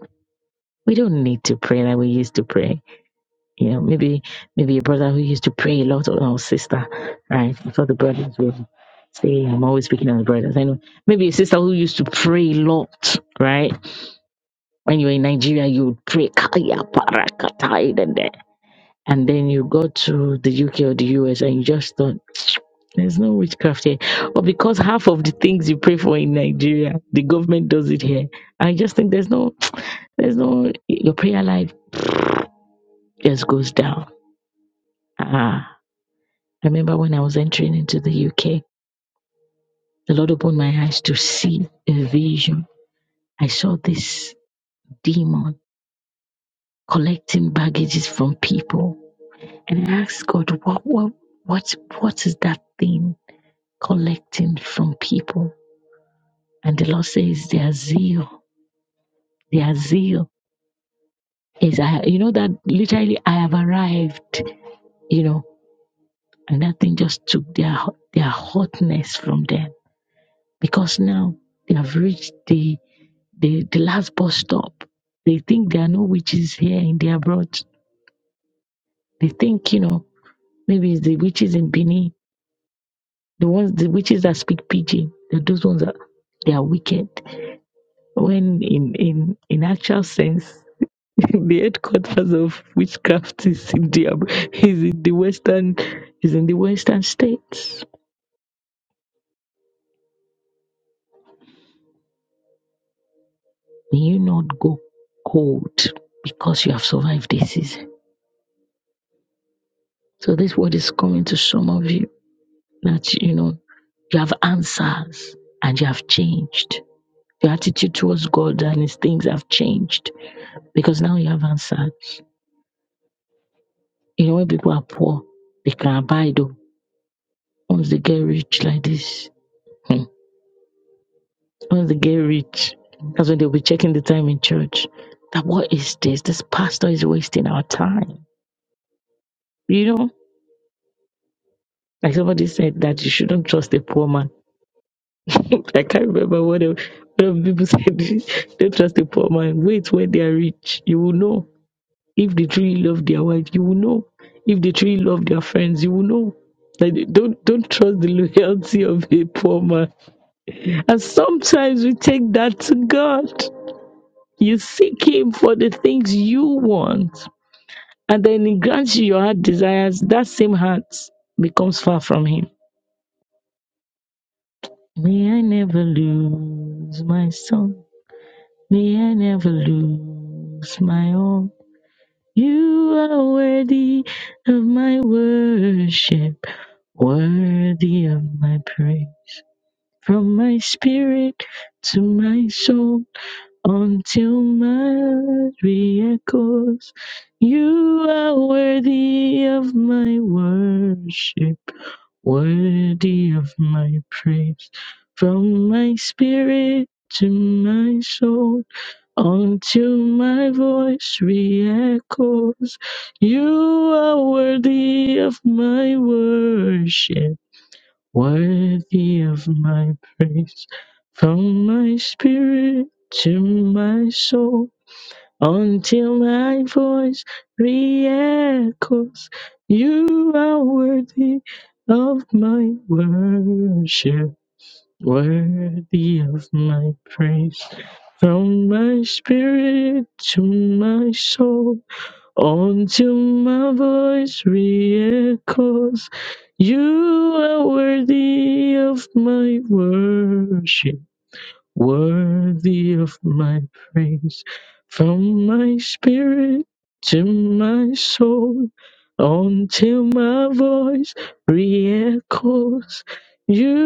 [SPEAKER 1] We don't need to pray like we used to pray You know, maybe maybe a brother who used to pray a lot or or sister, right? I thought the brothers would say I'm always speaking on the brothers. I know maybe a sister who used to pray a lot, right? When you were in Nigeria, you would pray "Kaya barakatai dede." and then you go to the UK or the US and you just thought there's no witchcraft here. Or because half of the things you pray for in Nigeria, the government does it here. I just think there's no, there's no, your prayer life just goes down. Ah. I remember when I was entering into the UK, the Lord opened my eyes to see a vision. I saw this demon collecting baggages from people. And I asked God, what, what, what, what is that thing collecting from people? And the Lord says, their zeal, their zeal is, I, you know, that literally I have arrived, you know, and that thing just took their, their hotness from them because now they have reached the the, the last bus stop. They think there are no witches here in the abroad. They think, you know, maybe it's the witches in Benin, the ones the witches that speak pidgin, that those ones are they are wicked. When in in in actual sense, the headquarters of witchcraft is in the ab- is in the western is in the western states. May you not go cold because you have survived this season. So this word is coming to some of you That you know, you have answers and you have changed. Your attitude towards God and His things have changed because now you have answers. You know, when people are poor, they can abide. oh. Once they get rich like this, hmm, once they get rich, that's when they'll be checking the time in church. That what is this? This pastor is wasting our time. You know, like somebody said that you shouldn't trust a poor man I can't remember what else, what else people said. Don't trust a poor man. Wait when they are rich. You will know. If they truly love their wife, you will know. If they truly love their friends, you will know. Like, don't don't trust the loyalty of a poor man. And sometimes we take that to God. You seek Him for the things you want, and then He grants you your heart desires. That same heart becomes far from Him. May I never lose my song. May I never lose my own. You are worthy of my worship, worthy of my praise. From my spirit to my soul, until my echoes, you are worthy of my worship, worthy of my praise. From my spirit to my soul. Until my voice re-echoes, you are worthy of my worship, worthy of my praise. From my spirit to my soul, until my voice re-echoes, you are worthy of my worship, worthy of my praise. From my spirit to my soul, until my voice re-echoes, you are worthy of my worship, worthy of my praise. From my spirit to my soul, until my voice re-echoes, you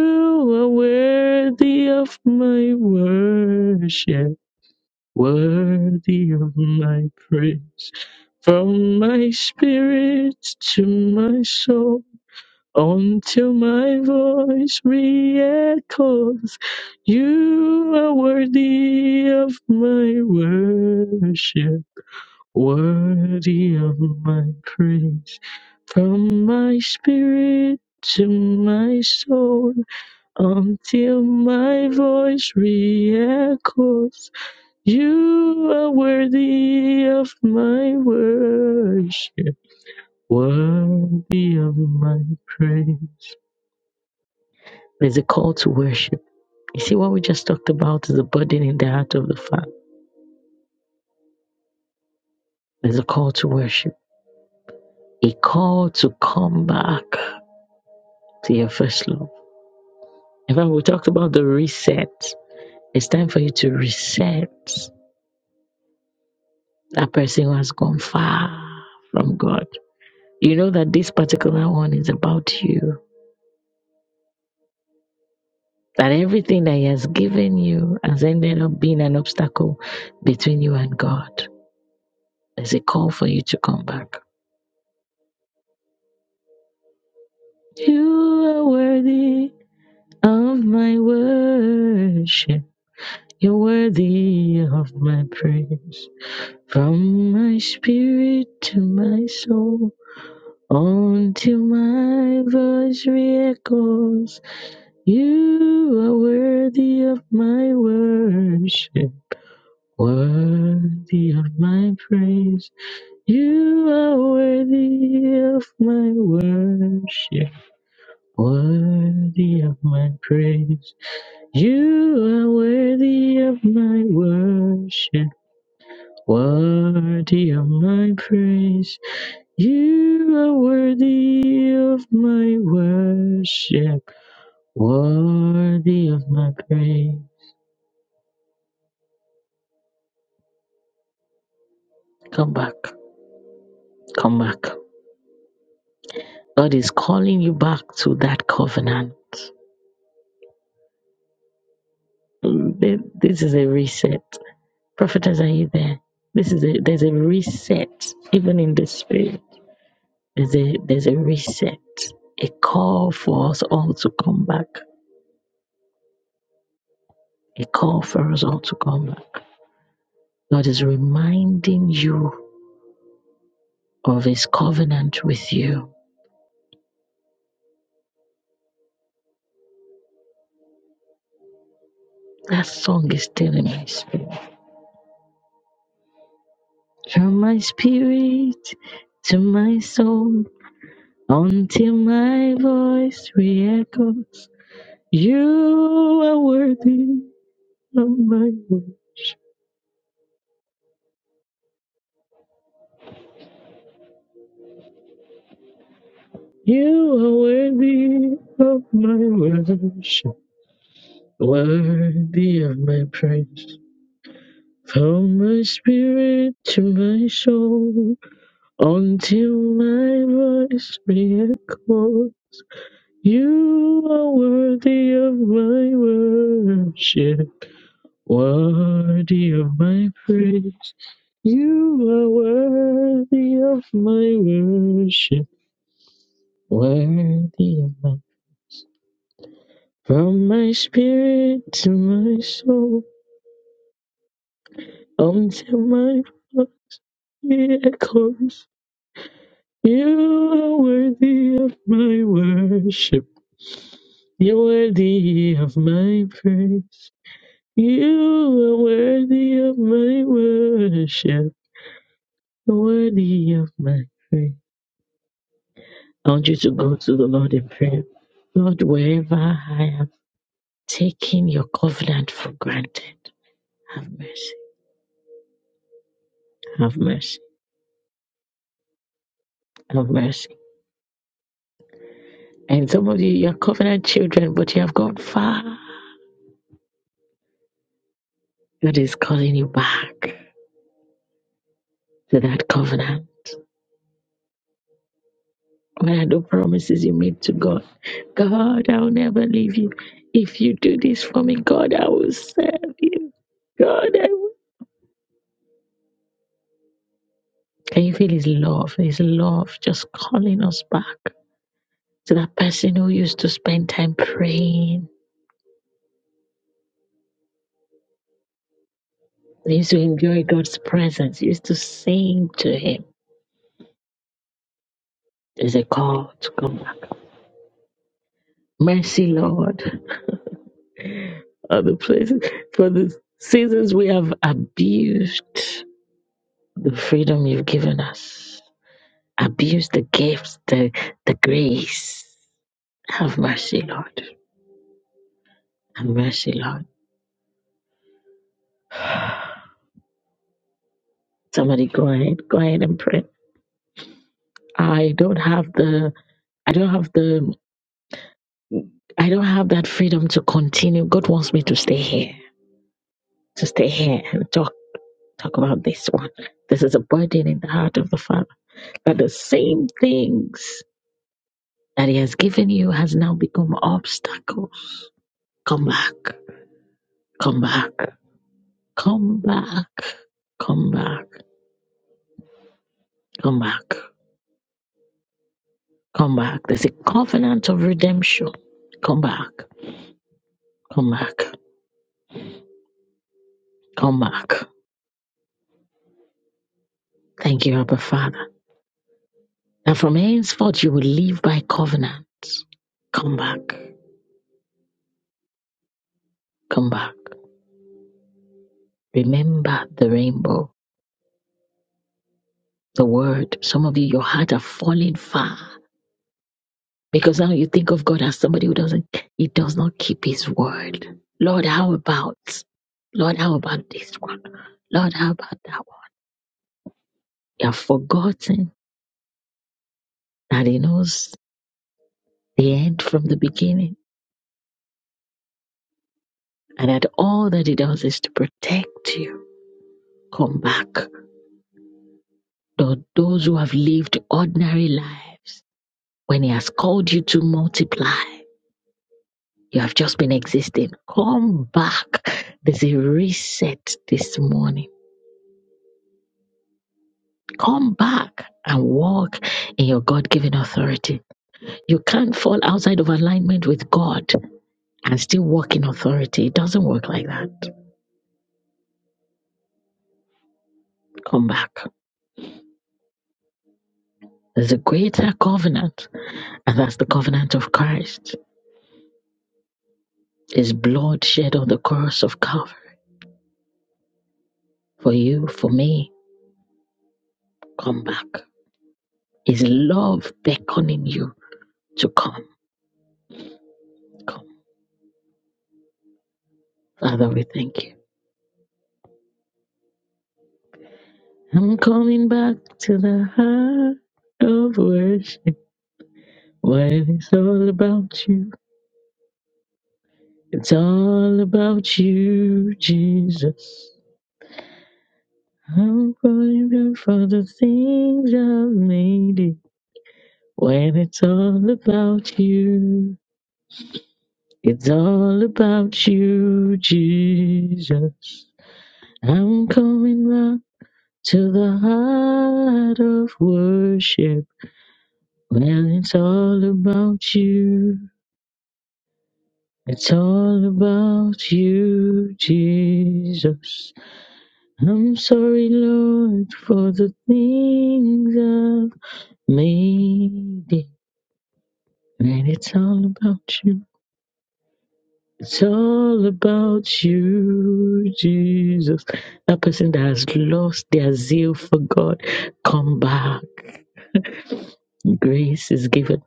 [SPEAKER 1] are worthy of my worship worthy of my praise. From my spirit to my soul, until my voice re-echoes, you are worthy of my worship, worthy of my praise. From my spirit to my soul, until my voice re-echoes. You are worthy of my worship, worthy of my praise. There's a call to worship. You see, what we just talked about is a burden in the heart of the Father. There's a call to worship, a call to come back to your first love. In fact, we talked about the reset. It's time for you to reset that person who has gone far from God. You know that this particular one is about you That everything that He has given you has ended up being an obstacle between you and God. There's a call for you to come back. You are worthy of my worship. You're worthy of my praise. From my spirit to my soul, until my voice re-echoes. You are worthy of my worship. Worthy of my praise, you are worthy of my worship. Worthy of my praise, you are worthy of my worship. Worthy of my praise, you are worthy of my worship. Worthy of my praise. Come back, come back. God is calling you back to that covenant. Mm, th- This is a reset. Prophetess, are you there? This is a there's a reset even in the spirit. There's a there's a reset. A call for us all to come back. A call for us all to come back. God is reminding you of His covenant with you. That song is still in my spirit. From my spirit to my soul, until my voice re-echoes, you are worthy. of my worship. You are worthy of my worship, worthy of my praise. From my spirit to my soul, until my voice be echoed. You are worthy of my worship, worthy of my praise. You are worthy of my worship, worthy of my From my spirit to my soul, until my body echoes, you are worthy of my worship. You're worthy of my praise. You are worthy of my worship. You're worthy of my praise. I want you to go to the Lord in prayer. Lord, wherever I have taken your covenant for granted, have mercy. Have mercy. Have mercy. And some of you, you're covenant children, but you have gone far. God is calling you back to that covenant. When I do promises you made to God? God, I will never leave you. If you do this for me, God, I will serve you. God, I will. Can you feel His love? His love just calling us back to that person who used to spend time praying, used to enjoy God's presence, used to sing to Him. There's a call to come back. Mercy, Lord. other places. For the seasons we have abused the freedom you've given us, abused the gifts, the, the grace. Have mercy, Lord. Have mercy, Lord. Somebody go ahead, go ahead and pray. I don't have the, I don't have the, I don't have that freedom to continue. God wants me to stay here, to stay here and talk, talk about this one. This is a burden in the heart of the Father. But the same things that He has given you has now become obstacles. Come back, come back, come back, come back, come back, come back. There's a covenant of redemption. Come back, come back, come back. Thank you, Abba Father. That from henceforth you will live by covenants. Come back, come back. Remember the rainbow, the word. Some of you, your heart are falling far. Because now you think of God as somebody who doesn't, he does not keep his word. Lord, how about? Lord, how about this one? Lord, how about that one? You have forgotten that he knows the end from the beginning and that all that he does is to protect you. Come back. Tho- Those who have lived ordinary lives, when he has called you to multiply, you have just been existing. Come back. There's a reset this morning Come back and walk in your God given authority. You can't fall outside of alignment with God and still walk in authority. It doesn't work like that. Come back. There's a greater covenant, and that's the covenant of Christ. His blood shed on the cross of Calvary for you, for me. Come back. His love beckoning you to come. Come. Father, we thank you. I'm coming back to the heart of worship. What it's all about you. It's all about you, Jesus. I'm grateful for the things I've made it. When it's all about you, it's all about you, Jesus. I'm coming round to the heart of worship. Well, it's all about you. It's all about you, Jesus. I'm sorry, Lord, for the things I've made it. And it's all about you. It's all about you, Jesus. That person that has lost their zeal for God, come back. Grace is given.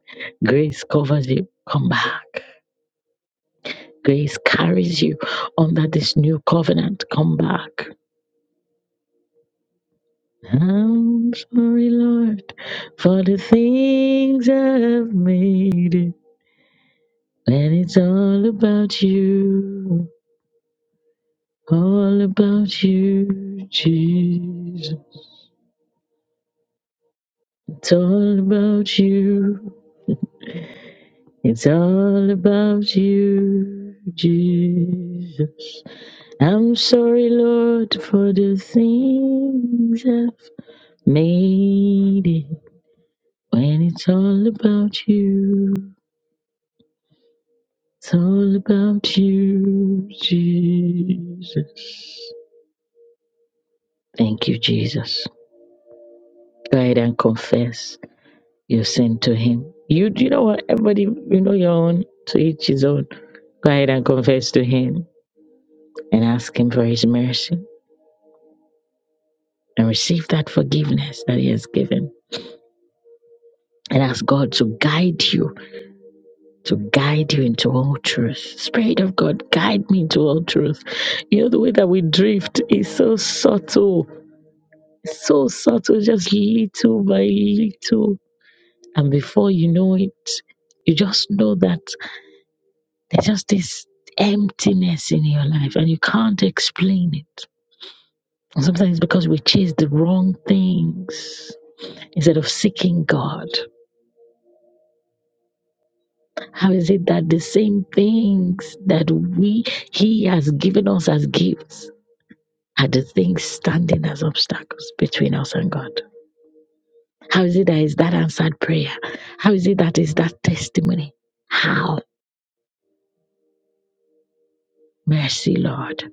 [SPEAKER 1] Grace covers you. Come back. Grace carries you under this new covenant. Come back. I'm sorry, Lord, for the things I've made. it. And it's all about you, all about you, Jesus. It's all about you, it's all about you, Jesus. I'm sorry, Lord, for the things I've made. it. When it's all about you. It's all about you, Jesus. Thank you, Jesus. Go ahead and confess your sin to Him. You, you know what? Everybody, you know your own. To each his own. Go ahead and confess to Him and ask Him for His mercy and receive that forgiveness that He has given. And ask God to guide you, to guide you into all truth. Spirit of God, guide me into all truth. You know, the way that we drift is so subtle So subtle, just little by little. And before you know it, you just know that there's just this emptiness in your life and you can't explain it. And sometimes it's because we chase the wrong things instead of seeking God. How is it that the same things that we He has given us as gifts are the things standing as obstacles between us and God? How is it that is that answered prayer? How is it that is that testimony? How? Mercy, Lord.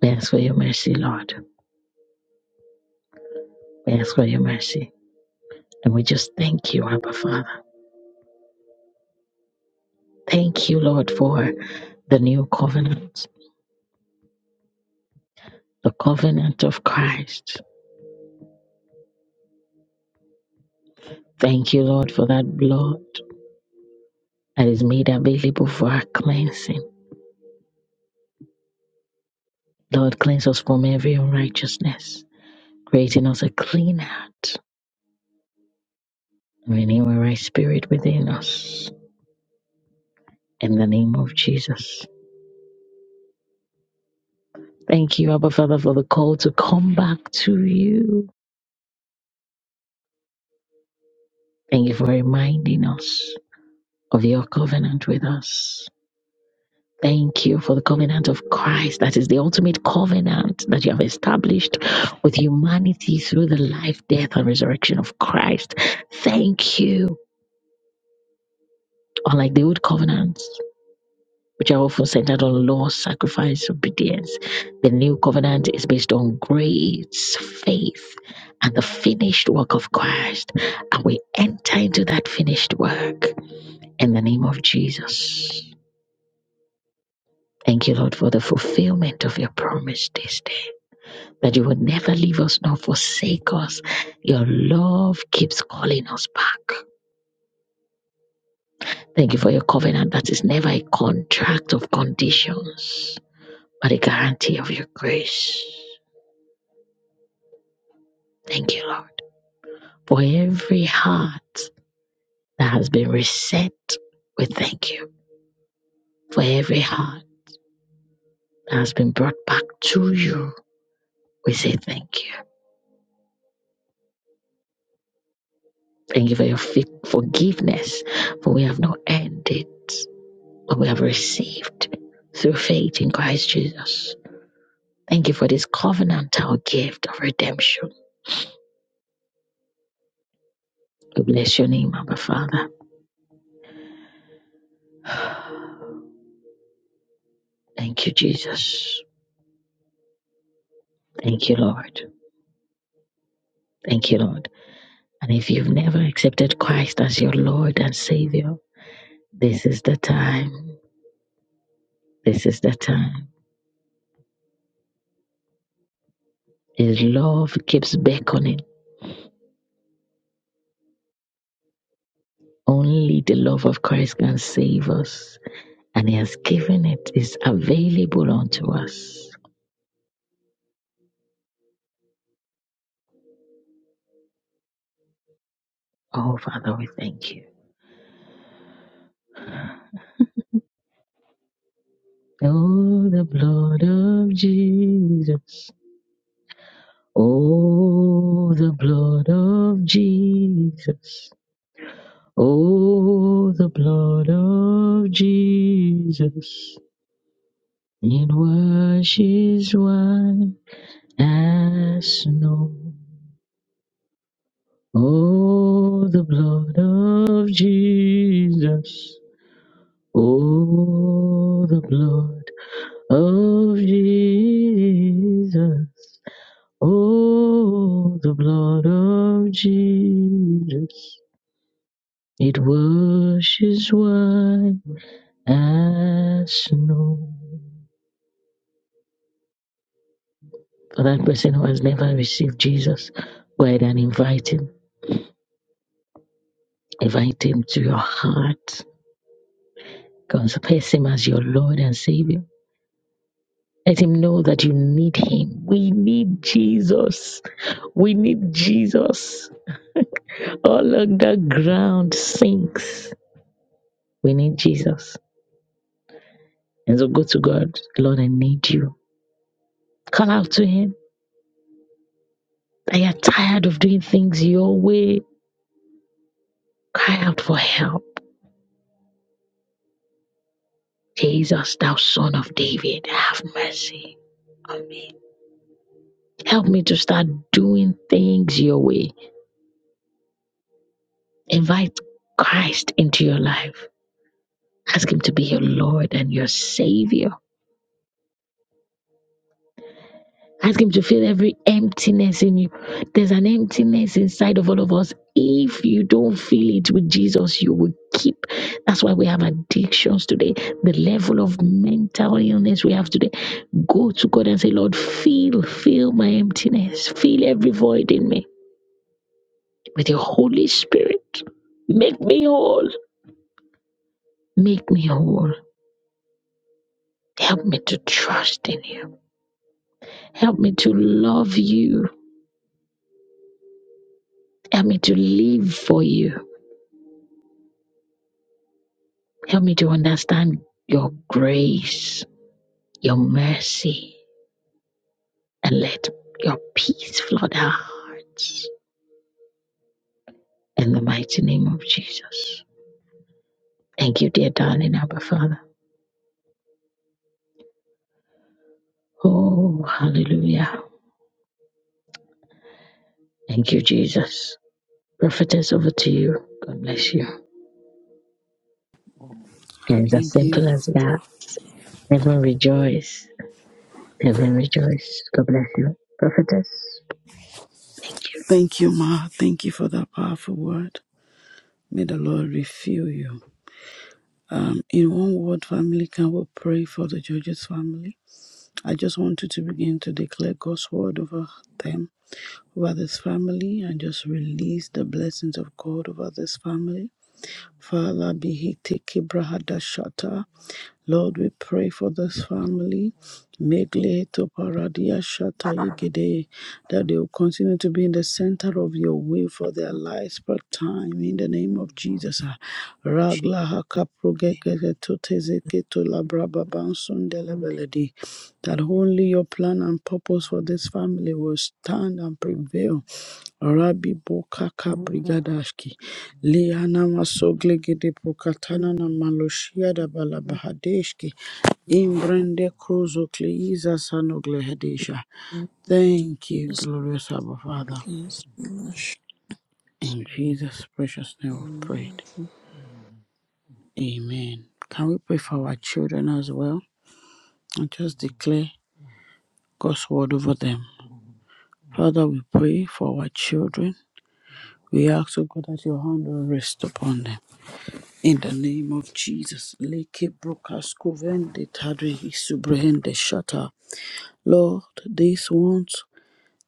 [SPEAKER 1] Thanks for your mercy, Lord. Thanks for your mercy. And we just thank you, Abba Father. Thank you, Lord, for the new covenant, the covenant of Christ. Thank you, Lord, for that blood that is made available for our cleansing. Lord, cleanse us from every unrighteousness, creating us a clean heart, renew a right spirit within us. In the name of Jesus. Thank you, Abba Father, for the call to come back to you. Thank you for reminding us of your covenant with us. Thank you for the covenant of Christ. That is the ultimate covenant that you have established with humanity through the life, death, and resurrection of Christ. Thank you. Unlike the old covenants. which are often centered on law, sacrifice, obedience. The new covenant is based on grace, faith, and the finished work of Christ. And we enter into that finished work in the name of Jesus. Thank you, Lord, for the fulfillment of your promise this day. That you will never leave us nor forsake us. Your love keeps calling us back. Thank you for your covenant that is never a contract of conditions, but a guarantee of your grace. Thank you, Lord, for every heart that has been reset. We thank you for every heart that has been brought back to you. We say thank you. Thank you for your fit forgiveness, for we have not earned it, but we have received through faith in Christ Jesus. Thank you for this covenantal gift of redemption. We bless your name, Abba Father. Thank you, Jesus. Thank you, Lord. Thank you, Lord. And if you've never accepted Christ as your Lord and Savior, this is the time. This is the time. His love keeps beckoning. Only the love of Christ can save us. And He has given it, is available unto us. Oh, Father, we thank you. Oh, the blood of Jesus. Oh, the blood of Jesus. Oh, the blood of Jesus. It washes white as snow. Oh, the blood of Jesus. Oh, the blood of Jesus. Oh, the blood of Jesus. It washes white as snow. For that person who has never received Jesus, go ahead and invite him Invite Him to your heart. Confess Him as your Lord and Savior. Let Him know that you need Him. We need Jesus. We need Jesus. All of the ground sinks. We need Jesus. And so go to God. Lord, I need you. Call out to Him. I am tired of doing things your way. Cry out for help. Jesus, thou son of David, have mercy on me. Help me to start doing things your way. Invite Christ into your life. Ask Him to be your Lord and your Savior. Ask Him to fill every emptiness in you. There's an emptiness inside of all of us. If you don't fill it with Jesus, you will keep. That's why we have addictions today. The level of mental illness we have today. Go to God and say, Lord, fill, fill my emptiness. Fill every void in me with your Holy Spirit. Make me whole. Make me whole. Help me to trust in you. Help me to love you. Help me to live for you. Help me to understand your grace, your mercy, and let your peace flood our hearts. In the mighty name of Jesus. Thank you, dear darling Abba Father. Oh, hallelujah. Thank you, Jesus. Prophetess, over to you. God bless you. It's as
[SPEAKER 3] Thank you.
[SPEAKER 1] simple as that. Heaven rejoice. Heaven rejoice. God bless you. Prophetess. Thank you.
[SPEAKER 3] Thank you, Ma. Thank you for that powerful word. May the Lord refill you. Um, in one word, family, can we pray for the judges' family? I just want you to begin to declare God's word over them, over this family, and just release the blessings of God over this family. Father, be he take Lord, we pray for this family. Megle to Paradia Shata
[SPEAKER 4] Thank
[SPEAKER 3] Yegede, that they will continue to be in the center of your will for their lives per time in the name of Jesus. Ragla haka progegege to tezeke to labraba bansundelebeledi. That only your plan and purpose for this family will stand and prevail Rabbi Bokaka Brigadashki, Liana Masoglegede Prokatana na Maloshia da Balabahadeshki, Imbrende Kruzo Kleiza Sanoglehadesha. Thank you, glorious Abba Father. In Jesus' precious name of prayed. Amen. Can we pray for our children as well and just declare God's word over them? Father, we pray for our children. We ask, O God, that your hand will rest upon them. In the name of Jesus, Leke Brokaskovende Tadri Subrehende Shata. Lord, these ones,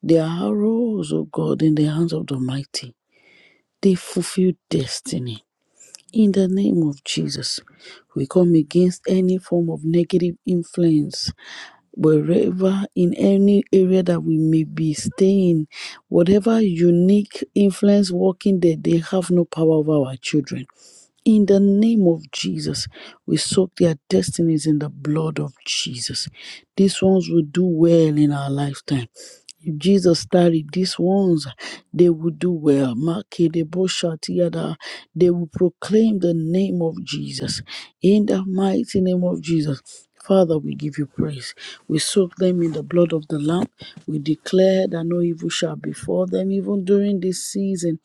[SPEAKER 3] they are arrows, O God, in the hands of the Almighty. They fulfill destiny. In the name of Jesus, we come against any form of negative influence wherever in any area that we may be staying, whatever unique influence working there, they have no power over our children. In the name of Jesus, we soak their destinies in the blood of Jesus. These ones will do well in our lifetime. If Jesus started these ones, they will do well. Makedeboshatiada. They will proclaim the name of Jesus. In the mighty name of Jesus. Father, we give you praise. We soak them in the blood of the Lamb. We declare that no evil shall befall them, even during this season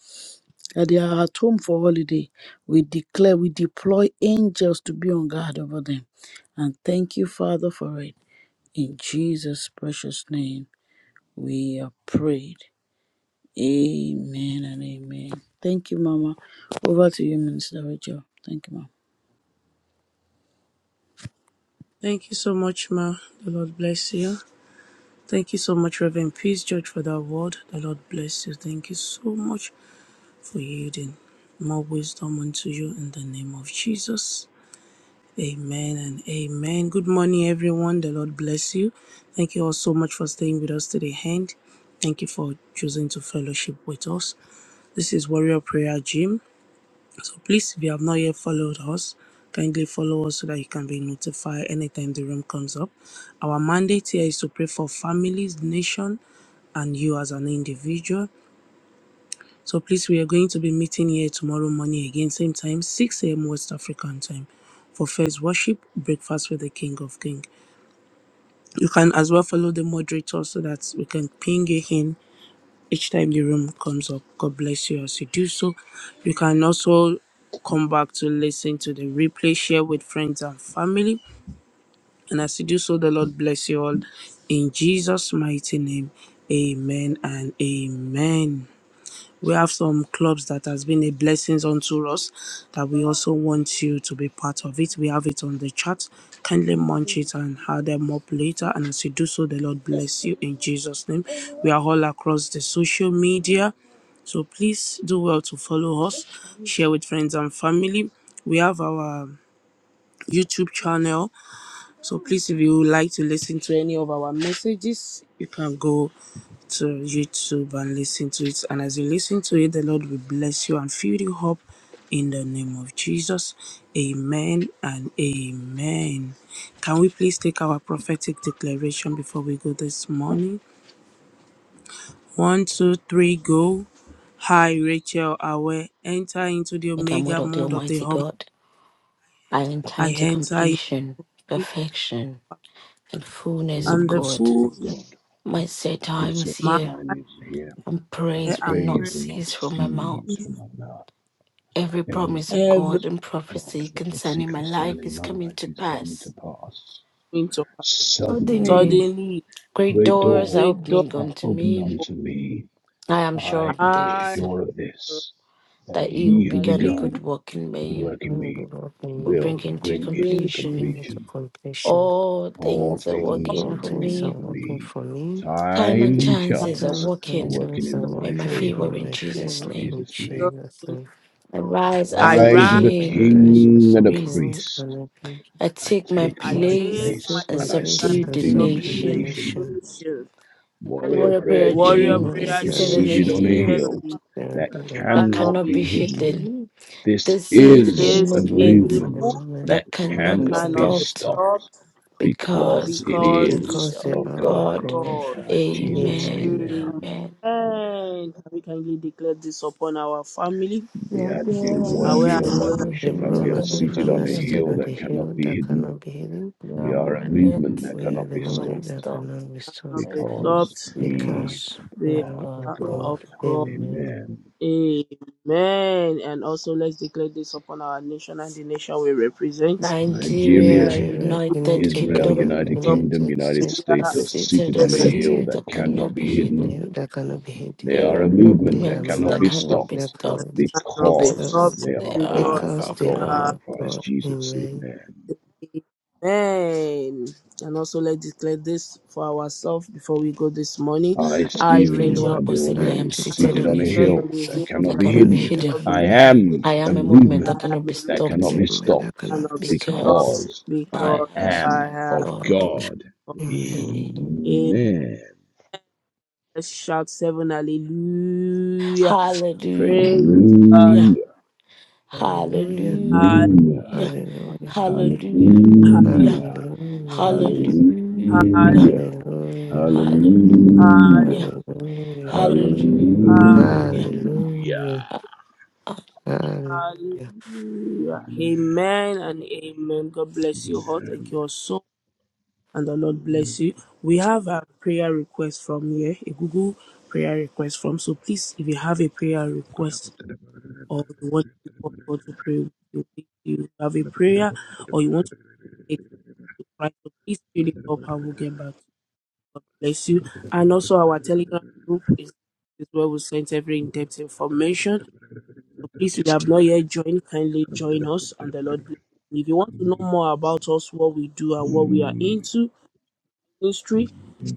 [SPEAKER 3] that they are at home for holiday. We declare, we deploy angels to be on guard over them. And thank you, Father, for it. In Jesus' precious name, we are prayed. Amen and amen. Thank you, Mama. Over to you, Minister Rachel. Thank you, Mama.
[SPEAKER 4] you so much, Ma. The Lord bless you. Thank you so much, Reverend Peace George, for that word. The Lord bless you. Thank you so much for yielding. More wisdom unto you in the name of Jesus. Amen and amen. Good morning, everyone. The Lord bless you. Thank you all so much for staying with us to the end. Thank you for choosing to fellowship with us. This is Warrior Prayer Gym. So please, if you have not yet followed us, kindly follow us so that you can be notified anytime the room comes up. Our mandate here is to pray for families, nation, and you as an individual. So please, we are going to be meeting here tomorrow morning again, same time, 6 a.m. West African time for first worship, breakfast with the King of King. You can as well follow the moderator so that we can ping you in each time the room comes up. God bless you as you do so. You can also come back to listen to the replay, share with friends and family. And as you do so, the Lord bless you all. In Jesus' mighty name, amen and amen. We have some clubs that has been a blessings unto us that we also want you to be part of it. We have it on the chat. Kindly munch it and add them up later. And as you do so, the Lord bless you in Jesus' name. We are all across the social media. So please do well to follow us, share with friends and family. We have our YouTube channel so please, if you would like to listen to any of our messages, you can go to YouTube and listen to it. And as you listen to it, the Lord will bless you and fill you up in the name of Jesus. Amen and amen. Can we please take our prophetic declaration before we go this morning? One, two, three, go. Hi, Rachel Awe. Enter into the
[SPEAKER 5] The God
[SPEAKER 4] Omega
[SPEAKER 5] of the
[SPEAKER 4] mode of the
[SPEAKER 5] Almighty
[SPEAKER 4] home.
[SPEAKER 5] God, I enter
[SPEAKER 4] I
[SPEAKER 5] into
[SPEAKER 4] enter in
[SPEAKER 5] completion, perfection, and fullness of
[SPEAKER 4] and the
[SPEAKER 6] Holiness
[SPEAKER 5] God.
[SPEAKER 4] full
[SPEAKER 6] of God,
[SPEAKER 5] My set
[SPEAKER 6] my
[SPEAKER 5] time
[SPEAKER 6] set
[SPEAKER 5] is
[SPEAKER 4] my
[SPEAKER 5] here,
[SPEAKER 6] time
[SPEAKER 4] I
[SPEAKER 6] is here,
[SPEAKER 5] and
[SPEAKER 6] and
[SPEAKER 5] praise will
[SPEAKER 4] am
[SPEAKER 6] praise
[SPEAKER 4] free.
[SPEAKER 5] not
[SPEAKER 6] will not
[SPEAKER 5] cease from my mouth.
[SPEAKER 6] cease from my mouth.
[SPEAKER 5] Every
[SPEAKER 6] Every
[SPEAKER 5] promise of
[SPEAKER 4] every
[SPEAKER 5] God
[SPEAKER 6] promise
[SPEAKER 5] and
[SPEAKER 6] of God
[SPEAKER 5] prophecy
[SPEAKER 6] and the prophecy
[SPEAKER 5] concerning my life
[SPEAKER 6] concerning
[SPEAKER 5] is
[SPEAKER 6] my
[SPEAKER 5] coming
[SPEAKER 6] life
[SPEAKER 5] to
[SPEAKER 6] is coming to
[SPEAKER 5] pass.
[SPEAKER 6] pass.
[SPEAKER 4] winter.
[SPEAKER 5] Suddenly,
[SPEAKER 6] Suddenly,
[SPEAKER 4] Suddenly,
[SPEAKER 5] great
[SPEAKER 6] great
[SPEAKER 5] doors are
[SPEAKER 4] great door
[SPEAKER 6] doors
[SPEAKER 5] opening
[SPEAKER 6] are
[SPEAKER 5] unto
[SPEAKER 6] opened
[SPEAKER 5] me.
[SPEAKER 4] of
[SPEAKER 6] unto me.
[SPEAKER 5] I am sure
[SPEAKER 6] I
[SPEAKER 5] of
[SPEAKER 6] am
[SPEAKER 4] iron,
[SPEAKER 5] this,
[SPEAKER 6] sure of this, that
[SPEAKER 5] that he who
[SPEAKER 6] he who
[SPEAKER 4] that
[SPEAKER 5] began a
[SPEAKER 4] he
[SPEAKER 5] good
[SPEAKER 6] began
[SPEAKER 4] who
[SPEAKER 5] work in
[SPEAKER 6] a good
[SPEAKER 5] me
[SPEAKER 6] work in
[SPEAKER 2] Lord,
[SPEAKER 6] me
[SPEAKER 2] Lord,
[SPEAKER 5] will
[SPEAKER 2] me,
[SPEAKER 5] bring
[SPEAKER 6] will
[SPEAKER 5] into
[SPEAKER 4] will
[SPEAKER 6] bring it to
[SPEAKER 4] bring
[SPEAKER 2] bring
[SPEAKER 5] completion.
[SPEAKER 2] me to
[SPEAKER 6] completion.
[SPEAKER 2] completion.
[SPEAKER 5] All
[SPEAKER 6] All
[SPEAKER 5] things are
[SPEAKER 6] things are
[SPEAKER 5] working
[SPEAKER 2] All
[SPEAKER 5] for
[SPEAKER 2] things
[SPEAKER 6] working
[SPEAKER 5] me
[SPEAKER 2] are
[SPEAKER 6] for
[SPEAKER 2] working
[SPEAKER 6] me.
[SPEAKER 2] for me.
[SPEAKER 5] Time
[SPEAKER 6] Time
[SPEAKER 5] and
[SPEAKER 6] and
[SPEAKER 5] chances are
[SPEAKER 6] chance
[SPEAKER 2] Time
[SPEAKER 6] are
[SPEAKER 2] and
[SPEAKER 5] working
[SPEAKER 6] working
[SPEAKER 2] chance are
[SPEAKER 6] in my
[SPEAKER 5] in my
[SPEAKER 2] working
[SPEAKER 6] favor.
[SPEAKER 5] favor
[SPEAKER 2] in
[SPEAKER 5] in
[SPEAKER 2] my
[SPEAKER 5] Jesus'
[SPEAKER 6] In
[SPEAKER 2] favor
[SPEAKER 5] name.
[SPEAKER 2] in
[SPEAKER 6] Jesus'
[SPEAKER 4] the
[SPEAKER 6] name.
[SPEAKER 2] Jesus'
[SPEAKER 4] kingdom.
[SPEAKER 2] name.
[SPEAKER 5] I rise as
[SPEAKER 4] I
[SPEAKER 5] a
[SPEAKER 6] Rise
[SPEAKER 4] rise,
[SPEAKER 6] as
[SPEAKER 2] My
[SPEAKER 6] a
[SPEAKER 5] king and
[SPEAKER 2] eyes
[SPEAKER 6] king
[SPEAKER 2] are
[SPEAKER 5] a
[SPEAKER 6] and
[SPEAKER 2] a
[SPEAKER 6] a
[SPEAKER 5] priest.
[SPEAKER 2] king
[SPEAKER 6] priest.
[SPEAKER 2] and a
[SPEAKER 5] I
[SPEAKER 2] priest.
[SPEAKER 6] I
[SPEAKER 5] take my
[SPEAKER 6] take
[SPEAKER 4] I
[SPEAKER 6] my
[SPEAKER 5] place
[SPEAKER 2] I
[SPEAKER 4] take my
[SPEAKER 6] place
[SPEAKER 2] take
[SPEAKER 5] and
[SPEAKER 2] my
[SPEAKER 6] and
[SPEAKER 4] place,
[SPEAKER 6] I
[SPEAKER 4] and
[SPEAKER 2] place
[SPEAKER 5] subdue
[SPEAKER 4] I
[SPEAKER 2] and
[SPEAKER 5] the
[SPEAKER 6] subdue
[SPEAKER 2] subdue
[SPEAKER 6] the
[SPEAKER 2] the
[SPEAKER 4] subdue
[SPEAKER 5] nation.
[SPEAKER 4] the
[SPEAKER 2] nation.
[SPEAKER 6] nations.
[SPEAKER 4] nations.
[SPEAKER 5] The
[SPEAKER 6] Warrior
[SPEAKER 5] warrior
[SPEAKER 6] Prayer
[SPEAKER 5] prayer
[SPEAKER 4] Warrior
[SPEAKER 5] team
[SPEAKER 6] Jim
[SPEAKER 2] All
[SPEAKER 5] is
[SPEAKER 4] prayer,
[SPEAKER 6] is
[SPEAKER 5] seated on
[SPEAKER 4] James
[SPEAKER 5] a
[SPEAKER 6] seated on
[SPEAKER 2] direction
[SPEAKER 6] a
[SPEAKER 5] hill
[SPEAKER 4] said on
[SPEAKER 6] hill
[SPEAKER 4] the hill
[SPEAKER 6] that
[SPEAKER 4] that
[SPEAKER 2] standing up.
[SPEAKER 5] that
[SPEAKER 4] cannot
[SPEAKER 6] cannot
[SPEAKER 5] cannot
[SPEAKER 4] be
[SPEAKER 5] be
[SPEAKER 6] be hidden.
[SPEAKER 4] hidden.
[SPEAKER 5] hidden.
[SPEAKER 2] Believe
[SPEAKER 6] This
[SPEAKER 5] This is a
[SPEAKER 6] is a
[SPEAKER 4] This is a
[SPEAKER 5] movement
[SPEAKER 2] into the
[SPEAKER 6] movement
[SPEAKER 4] movement
[SPEAKER 2] moment
[SPEAKER 6] that
[SPEAKER 5] that cannot
[SPEAKER 2] I
[SPEAKER 5] be
[SPEAKER 6] cannot be
[SPEAKER 4] cannot
[SPEAKER 2] cannot be
[SPEAKER 4] be
[SPEAKER 5] stopped
[SPEAKER 2] stopped.
[SPEAKER 6] stopped
[SPEAKER 4] stopped
[SPEAKER 6] because
[SPEAKER 5] because
[SPEAKER 6] it
[SPEAKER 5] it
[SPEAKER 4] because
[SPEAKER 6] is
[SPEAKER 5] is
[SPEAKER 2] Because
[SPEAKER 4] it
[SPEAKER 5] of
[SPEAKER 2] they
[SPEAKER 4] is
[SPEAKER 6] of
[SPEAKER 2] are of
[SPEAKER 4] of
[SPEAKER 6] God
[SPEAKER 5] God.
[SPEAKER 2] God.
[SPEAKER 6] in
[SPEAKER 4] God.
[SPEAKER 6] Christ Jesus.
[SPEAKER 2] Amen.
[SPEAKER 5] Amen.
[SPEAKER 4] Amen.
[SPEAKER 6] Amen.
[SPEAKER 5] Amen.
[SPEAKER 4] Can we kindly declare this upon our family?
[SPEAKER 6] The
[SPEAKER 5] Yeah, there are
[SPEAKER 4] Aware
[SPEAKER 6] Adewale
[SPEAKER 4] and
[SPEAKER 5] seated
[SPEAKER 4] always
[SPEAKER 5] on a
[SPEAKER 2] The
[SPEAKER 6] Oladosu
[SPEAKER 5] hill
[SPEAKER 6] family
[SPEAKER 2] room
[SPEAKER 5] that
[SPEAKER 6] are
[SPEAKER 2] marking
[SPEAKER 5] cannot
[SPEAKER 2] the
[SPEAKER 5] be
[SPEAKER 6] seated
[SPEAKER 2] family
[SPEAKER 6] on
[SPEAKER 2] are
[SPEAKER 6] a
[SPEAKER 5] hidden.
[SPEAKER 2] seated
[SPEAKER 6] hill
[SPEAKER 2] on the
[SPEAKER 6] that cannot
[SPEAKER 2] hill
[SPEAKER 6] be
[SPEAKER 2] that
[SPEAKER 6] hidden.
[SPEAKER 2] cannot be hidden.
[SPEAKER 6] We
[SPEAKER 5] Your
[SPEAKER 6] are a
[SPEAKER 5] movement
[SPEAKER 6] movement that
[SPEAKER 2] We are
[SPEAKER 6] cannot
[SPEAKER 2] the
[SPEAKER 6] be
[SPEAKER 5] cannot be
[SPEAKER 2] moment
[SPEAKER 6] stopped
[SPEAKER 2] that
[SPEAKER 5] stopped.
[SPEAKER 2] cannot be stopped.
[SPEAKER 4] not
[SPEAKER 5] Let
[SPEAKER 4] be
[SPEAKER 6] because
[SPEAKER 5] us
[SPEAKER 4] stopped.
[SPEAKER 5] hear
[SPEAKER 6] we
[SPEAKER 2] Because we
[SPEAKER 4] The
[SPEAKER 5] of
[SPEAKER 2] are
[SPEAKER 6] are of
[SPEAKER 2] of
[SPEAKER 5] God.
[SPEAKER 4] heart
[SPEAKER 2] God.
[SPEAKER 6] God.
[SPEAKER 4] of God.
[SPEAKER 2] Amen.
[SPEAKER 6] Amen.
[SPEAKER 4] Amen. And also let's declare this upon our nation and the nation we represent.
[SPEAKER 5] Nigeria,
[SPEAKER 6] Nigeria,
[SPEAKER 2] Nigeria,
[SPEAKER 5] United
[SPEAKER 2] United
[SPEAKER 6] Israel,
[SPEAKER 5] Kingdom,
[SPEAKER 4] Let
[SPEAKER 2] Kingdom,
[SPEAKER 6] United
[SPEAKER 4] them
[SPEAKER 6] Kingdom,
[SPEAKER 2] United
[SPEAKER 6] United
[SPEAKER 2] States,
[SPEAKER 5] are
[SPEAKER 6] States are
[SPEAKER 5] seated
[SPEAKER 6] seated
[SPEAKER 2] are
[SPEAKER 5] on
[SPEAKER 6] on a hill
[SPEAKER 2] seated
[SPEAKER 5] hills
[SPEAKER 6] that
[SPEAKER 5] that
[SPEAKER 6] cannot
[SPEAKER 5] cannot be
[SPEAKER 6] be hidden
[SPEAKER 2] Yeah,
[SPEAKER 5] hidden.
[SPEAKER 2] that cannot be
[SPEAKER 6] They
[SPEAKER 2] hidden.
[SPEAKER 5] There
[SPEAKER 6] are
[SPEAKER 5] are
[SPEAKER 6] a movement
[SPEAKER 2] They are
[SPEAKER 6] that
[SPEAKER 4] know They
[SPEAKER 5] movements
[SPEAKER 6] cannot
[SPEAKER 5] that
[SPEAKER 6] be
[SPEAKER 4] have
[SPEAKER 2] moment
[SPEAKER 5] cannot be
[SPEAKER 2] that
[SPEAKER 6] stopped
[SPEAKER 2] cannot
[SPEAKER 5] stopped
[SPEAKER 4] not be
[SPEAKER 2] stop
[SPEAKER 6] because
[SPEAKER 5] because
[SPEAKER 4] stopped
[SPEAKER 6] they are
[SPEAKER 5] they are
[SPEAKER 6] all
[SPEAKER 4] because
[SPEAKER 6] of
[SPEAKER 2] because
[SPEAKER 5] of
[SPEAKER 2] they
[SPEAKER 4] they
[SPEAKER 2] are
[SPEAKER 6] God in
[SPEAKER 4] are.
[SPEAKER 2] of
[SPEAKER 5] God.
[SPEAKER 6] Christ
[SPEAKER 2] God.
[SPEAKER 6] Jesus.
[SPEAKER 2] Amen.
[SPEAKER 6] Amen.
[SPEAKER 4] Amen. And also let's declare this for ourselves before we go this morning.
[SPEAKER 6] I,
[SPEAKER 4] I,
[SPEAKER 5] I,
[SPEAKER 6] Stephen
[SPEAKER 4] Rachel.
[SPEAKER 5] Felua Posimi,
[SPEAKER 6] Adeoli,
[SPEAKER 5] I
[SPEAKER 2] I
[SPEAKER 6] am
[SPEAKER 5] am
[SPEAKER 2] declare
[SPEAKER 4] am
[SPEAKER 5] seated
[SPEAKER 6] seated
[SPEAKER 5] on
[SPEAKER 6] on
[SPEAKER 5] a
[SPEAKER 6] a
[SPEAKER 4] seated
[SPEAKER 2] markedly
[SPEAKER 5] hill
[SPEAKER 6] hill
[SPEAKER 4] on a
[SPEAKER 6] that
[SPEAKER 4] hill
[SPEAKER 6] cannot
[SPEAKER 5] that
[SPEAKER 4] that
[SPEAKER 6] be
[SPEAKER 2] tell
[SPEAKER 5] cannot be
[SPEAKER 2] him
[SPEAKER 6] hidden.
[SPEAKER 2] that
[SPEAKER 5] hidden.
[SPEAKER 4] cannot be
[SPEAKER 6] I
[SPEAKER 2] cannot be hidden.
[SPEAKER 6] am
[SPEAKER 4] hidden.
[SPEAKER 5] I
[SPEAKER 6] a
[SPEAKER 5] am a movement
[SPEAKER 4] I
[SPEAKER 5] that
[SPEAKER 6] movement
[SPEAKER 4] am
[SPEAKER 5] cannot
[SPEAKER 4] a
[SPEAKER 5] be
[SPEAKER 4] root
[SPEAKER 6] that cannot
[SPEAKER 5] stopped
[SPEAKER 6] be
[SPEAKER 2] Amen.
[SPEAKER 4] that
[SPEAKER 2] That
[SPEAKER 6] stopped
[SPEAKER 2] cannot be
[SPEAKER 4] cannot be
[SPEAKER 2] stopped
[SPEAKER 5] because
[SPEAKER 4] stopped
[SPEAKER 6] because
[SPEAKER 5] I am
[SPEAKER 6] I
[SPEAKER 4] because
[SPEAKER 2] That's I
[SPEAKER 4] I
[SPEAKER 6] am of
[SPEAKER 2] am
[SPEAKER 4] have
[SPEAKER 2] of
[SPEAKER 5] God.
[SPEAKER 2] God.
[SPEAKER 6] God.
[SPEAKER 4] of
[SPEAKER 2] Amen.
[SPEAKER 5] Amen.
[SPEAKER 4] him.
[SPEAKER 6] Amen.
[SPEAKER 4] Let's shout seven hallelujah.
[SPEAKER 5] Hallelujah.
[SPEAKER 4] Praise God.
[SPEAKER 6] Hallelujah.
[SPEAKER 2] Hallelujah.
[SPEAKER 4] Hall-
[SPEAKER 6] Hallelujah.
[SPEAKER 5] Hallelujah.
[SPEAKER 2] Hallelujah.
[SPEAKER 4] hall-
[SPEAKER 5] Hallelujah.
[SPEAKER 6] Hallelujah.
[SPEAKER 2] Hallelujah.
[SPEAKER 4] hall-
[SPEAKER 5] Hallelujah.
[SPEAKER 6] Hallelujah.
[SPEAKER 2] Hallelujah.
[SPEAKER 5] Hallelujah.
[SPEAKER 6] Hallelujah.
[SPEAKER 4] hall-
[SPEAKER 2] Hallelujah.
[SPEAKER 6] Hallelujah.
[SPEAKER 4] hall-
[SPEAKER 5] Hallelujah.
[SPEAKER 2] Hallelujah. Hallelujah.
[SPEAKER 4] Hallelujah. Amen and amen. God bless you all. Thank you all so and the Lord bless you. We have a prayer request from here, a Google prayer request from. So please, if you have a prayer request or you want to call God to pray with you, if you have a prayer or you want to take to Christ, so please fill it up and we'll get back. to you. God bless you. And also our Telegram group is, is where we send every in-depth information. So please, if you have not yet joined, kindly join us and the Lord bless you. If you want to know more about us, what we do and what we are into, ministry.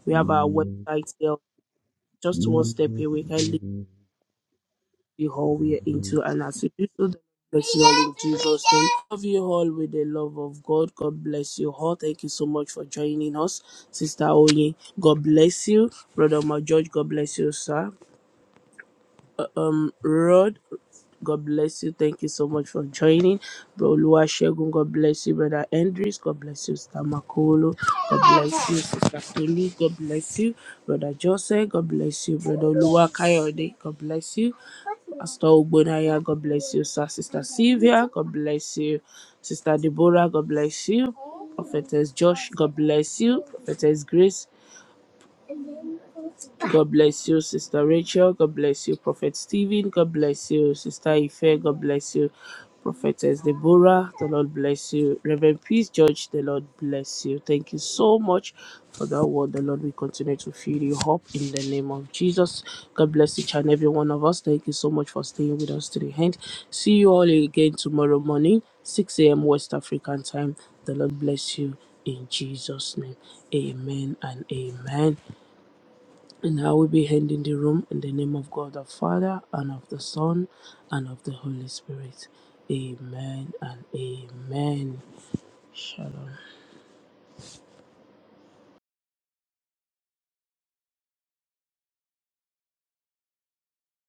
[SPEAKER 4] We have our website here, just one step away. Kindly the
[SPEAKER 6] Amen.
[SPEAKER 4] hall we are
[SPEAKER 6] Mm-hmm.
[SPEAKER 4] into, and as you do so, the Lord bless you all in Jesus' name. Love you all with the love of God. God bless you all. Thank you so much for joining us, Sister Oye. God bless you, Brother George. God bless you, sir. um Rod. God bless you. Thank you so much for joining. Bro Lua Shegun, God bless you, brother Andrews. God bless you, Sister Makolo. God bless you, Sister Tolu. God bless you, brother Joseph. God bless you, brother Lua Kayode. God bless you. Pastor Ogbonaya, God bless you, sir. Sister Sylvia, God bless you. Sister Deborah, God bless you. Prophetess Josh, God bless you. Prophetess Grace, God bless you, Sister Rachel. God bless you, Prophet Stephen. God bless you, Sister Ife. God bless you, Prophetess Deborah. The Lord bless you. Reverend Peace George, the Lord bless you. Thank you so much for that word. The Lord will continue to fill you up in the name of Jesus. God bless each and every one of us. Thank you so much for staying with us to the end. See you all again tomorrow morning, 6 a.m. West African time. The Lord bless you in Jesus' name. Amen and amen. And I will be ending the room in the name of God the Father, and of the Son, and of the Holy Spirit. Amen and amen. Shalom.